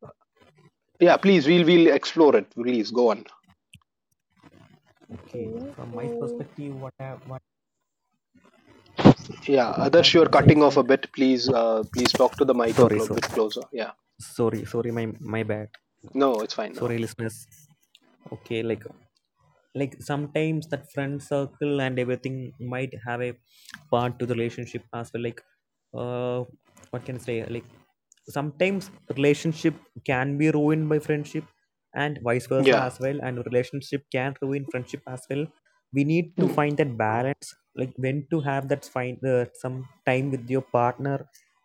S1: yeah, please,
S2: Yeah.
S1: we'll explore it. Please go on.
S3: okay.
S2: Okay,
S3: From my
S2: so,
S3: perspective, what I what,
S1: Yeah,
S3: what I
S1: others, you're
S3: wanna say
S1: cutting
S3: is
S1: off a
S3: like,
S1: bit. Please, please talk to the mic a
S3: sorry, so
S1: bit closer. Yeah,
S3: sorry, sorry, my bad.
S1: no, it's fine now.
S3: Sorry, listeners. Okay, like sometimes that friend circle and everything might have a part to the relationship as well. Like, uh, what can I say? Like sometimes relationship can be ruined by friendship and vice versa
S1: Yeah,
S3: as well, and relationship can ruin friendship as well. We need to
S1: Mm.
S3: find that balance, like when to have that find some time with your partner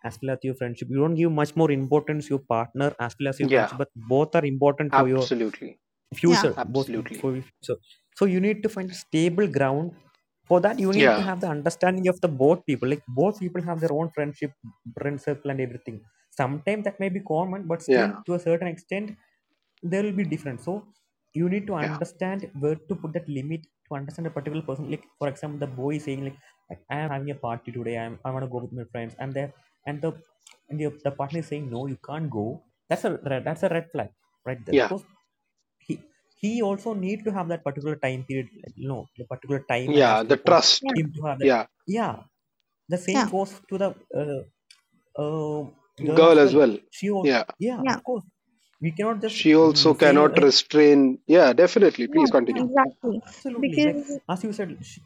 S3: as well as your friendship. You don't give much more importance your partner as well as your
S1: yeah,
S3: friendship, but both are important for your
S1: absolutely,
S2: yeah,
S3: future, both for
S1: absolutely.
S3: your future. So you need to find a stable ground for that. You need to
S1: Yeah,
S3: have the understanding of the both people, like both people have their own friendship friend circle and everything. Sometimes that may be common, but still
S1: yeah,
S3: to a certain extent there will be different, so you need to
S1: yeah,
S3: understand where to put that limit to understand a particular person. Like for example the boy is saying like I having a party today, I want to go with my friends I am there, and the and the partner is saying no you can't go, that's a red flag right there,
S1: yeah,
S3: because he he also need to have that particular time period like, you know the particular time and as
S1: yeah. The
S3: well for
S1: trust.
S2: yeah,
S3: him to have that.
S1: Yeah,
S3: Yeah, the same
S2: yeah,
S3: goes to the uh, uh, girl as
S1: girl as
S3: well,
S1: well.
S3: she or
S1: Yeah,
S3: yeah of
S2: yeah,
S3: course we cannot just
S1: she also
S3: say
S1: cannot
S3: like
S1: restrain. Yeah, definitely. Please
S2: yeah,
S1: continue.
S3: yeah
S2: exactly,
S3: absolutely, like
S2: because,
S3: as you said sh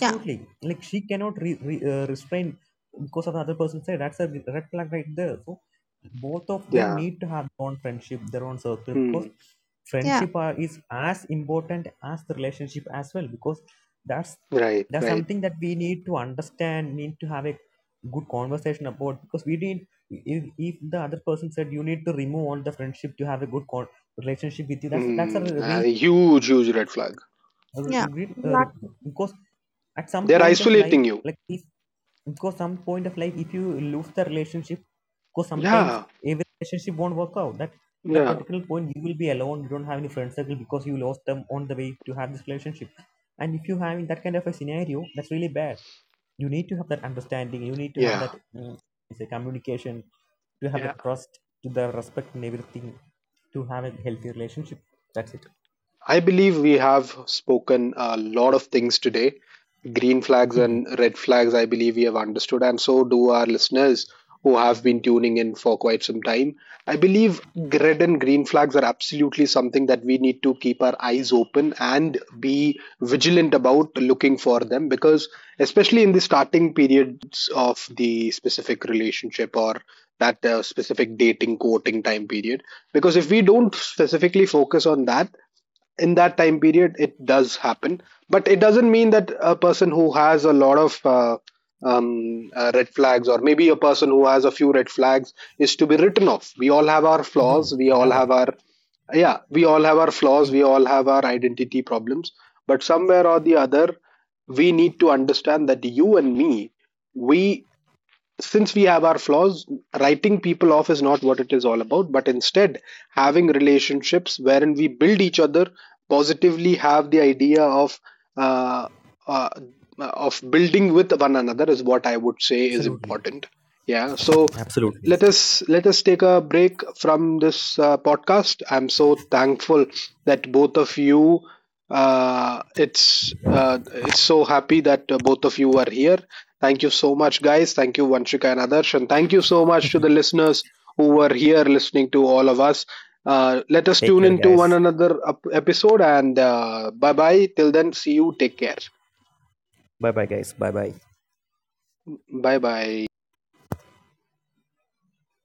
S2: yeah,
S3: Like she cannot restrain because of the other person said, that's a red flag right there. So both of them
S1: Yeah.
S3: need to have their own friendship, their own circle,
S1: Hmm.
S3: because
S2: yeah,
S3: friendship is as important as the relationship as well, because that's
S1: Right.
S3: that's
S1: Right.
S3: something that we need to understand, need to have a good conversation about, because we need if the other person said you need to remove all the friendship to have a good relationship with you, that's
S1: Hmm.
S3: a
S1: A
S3: real
S1: huge, huge red flag.
S2: yeah,
S3: r- uh,
S2: exactly.
S3: because at some
S1: They're
S3: point of life
S1: isolating you.
S3: like if because some point of life if you lose the relationship, because sometimes
S1: Yeah.
S3: every relationship won't work out, that that
S1: Yeah.
S3: particular point you will be alone, you don't have any friend circle because you lost them on the way to have this relationship. And if you have in that kind of a scenario, that's really bad. You need to have that understanding, you need to have that
S1: Yeah.
S3: say communication, to have the
S1: Yeah.
S3: trust, to the respect and everything, to have a healthy relationship. That's it.
S1: I believe we have spoken a lot of things today. Green flags
S3: Hmm.
S1: and red flags, I believe we have understood, and so do our listeners who have been tuning in for quite some time. I believe red and green flags are absolutely something that we need to keep our eyes open and be vigilant about, looking for them, because especially in the starting periods of the specific relationship, or that specific dating, courting time period, because if we don't specifically focus on that in that time period, it does happen. But it doesn't mean that a person who has a lot of red flags, or maybe a person who has a few red flags, is to be written off. We all have our
S3: No,
S1: flaws. we all
S3: never,
S1: have our yeah, we all have our flaws, we all have our identity problems. But somewhere or the other, we need to understand that you and me, we, since we have our flaws, writing people off is not what it is all about, but instead having relationships wherein we build each other positively, have the idea uh, uh, of building with one another, is what I would say is
S3: absolutely.
S1: important. Yeah, so
S3: Absolutely.
S1: let us take a break from this podcast. I'm so thankful that both of you it's so happy that both of you are here. Thank you so much, guys. Thank you, Vanshika and Adarsh. And thank you so much to the listeners who were here listening to all of us. Let us
S3: Take
S1: tune
S3: care,
S1: into
S3: guys.
S1: one another episode, and bye bye till then, see you, take care,
S3: Bye bye, guys. Bye bye.
S1: bye bye.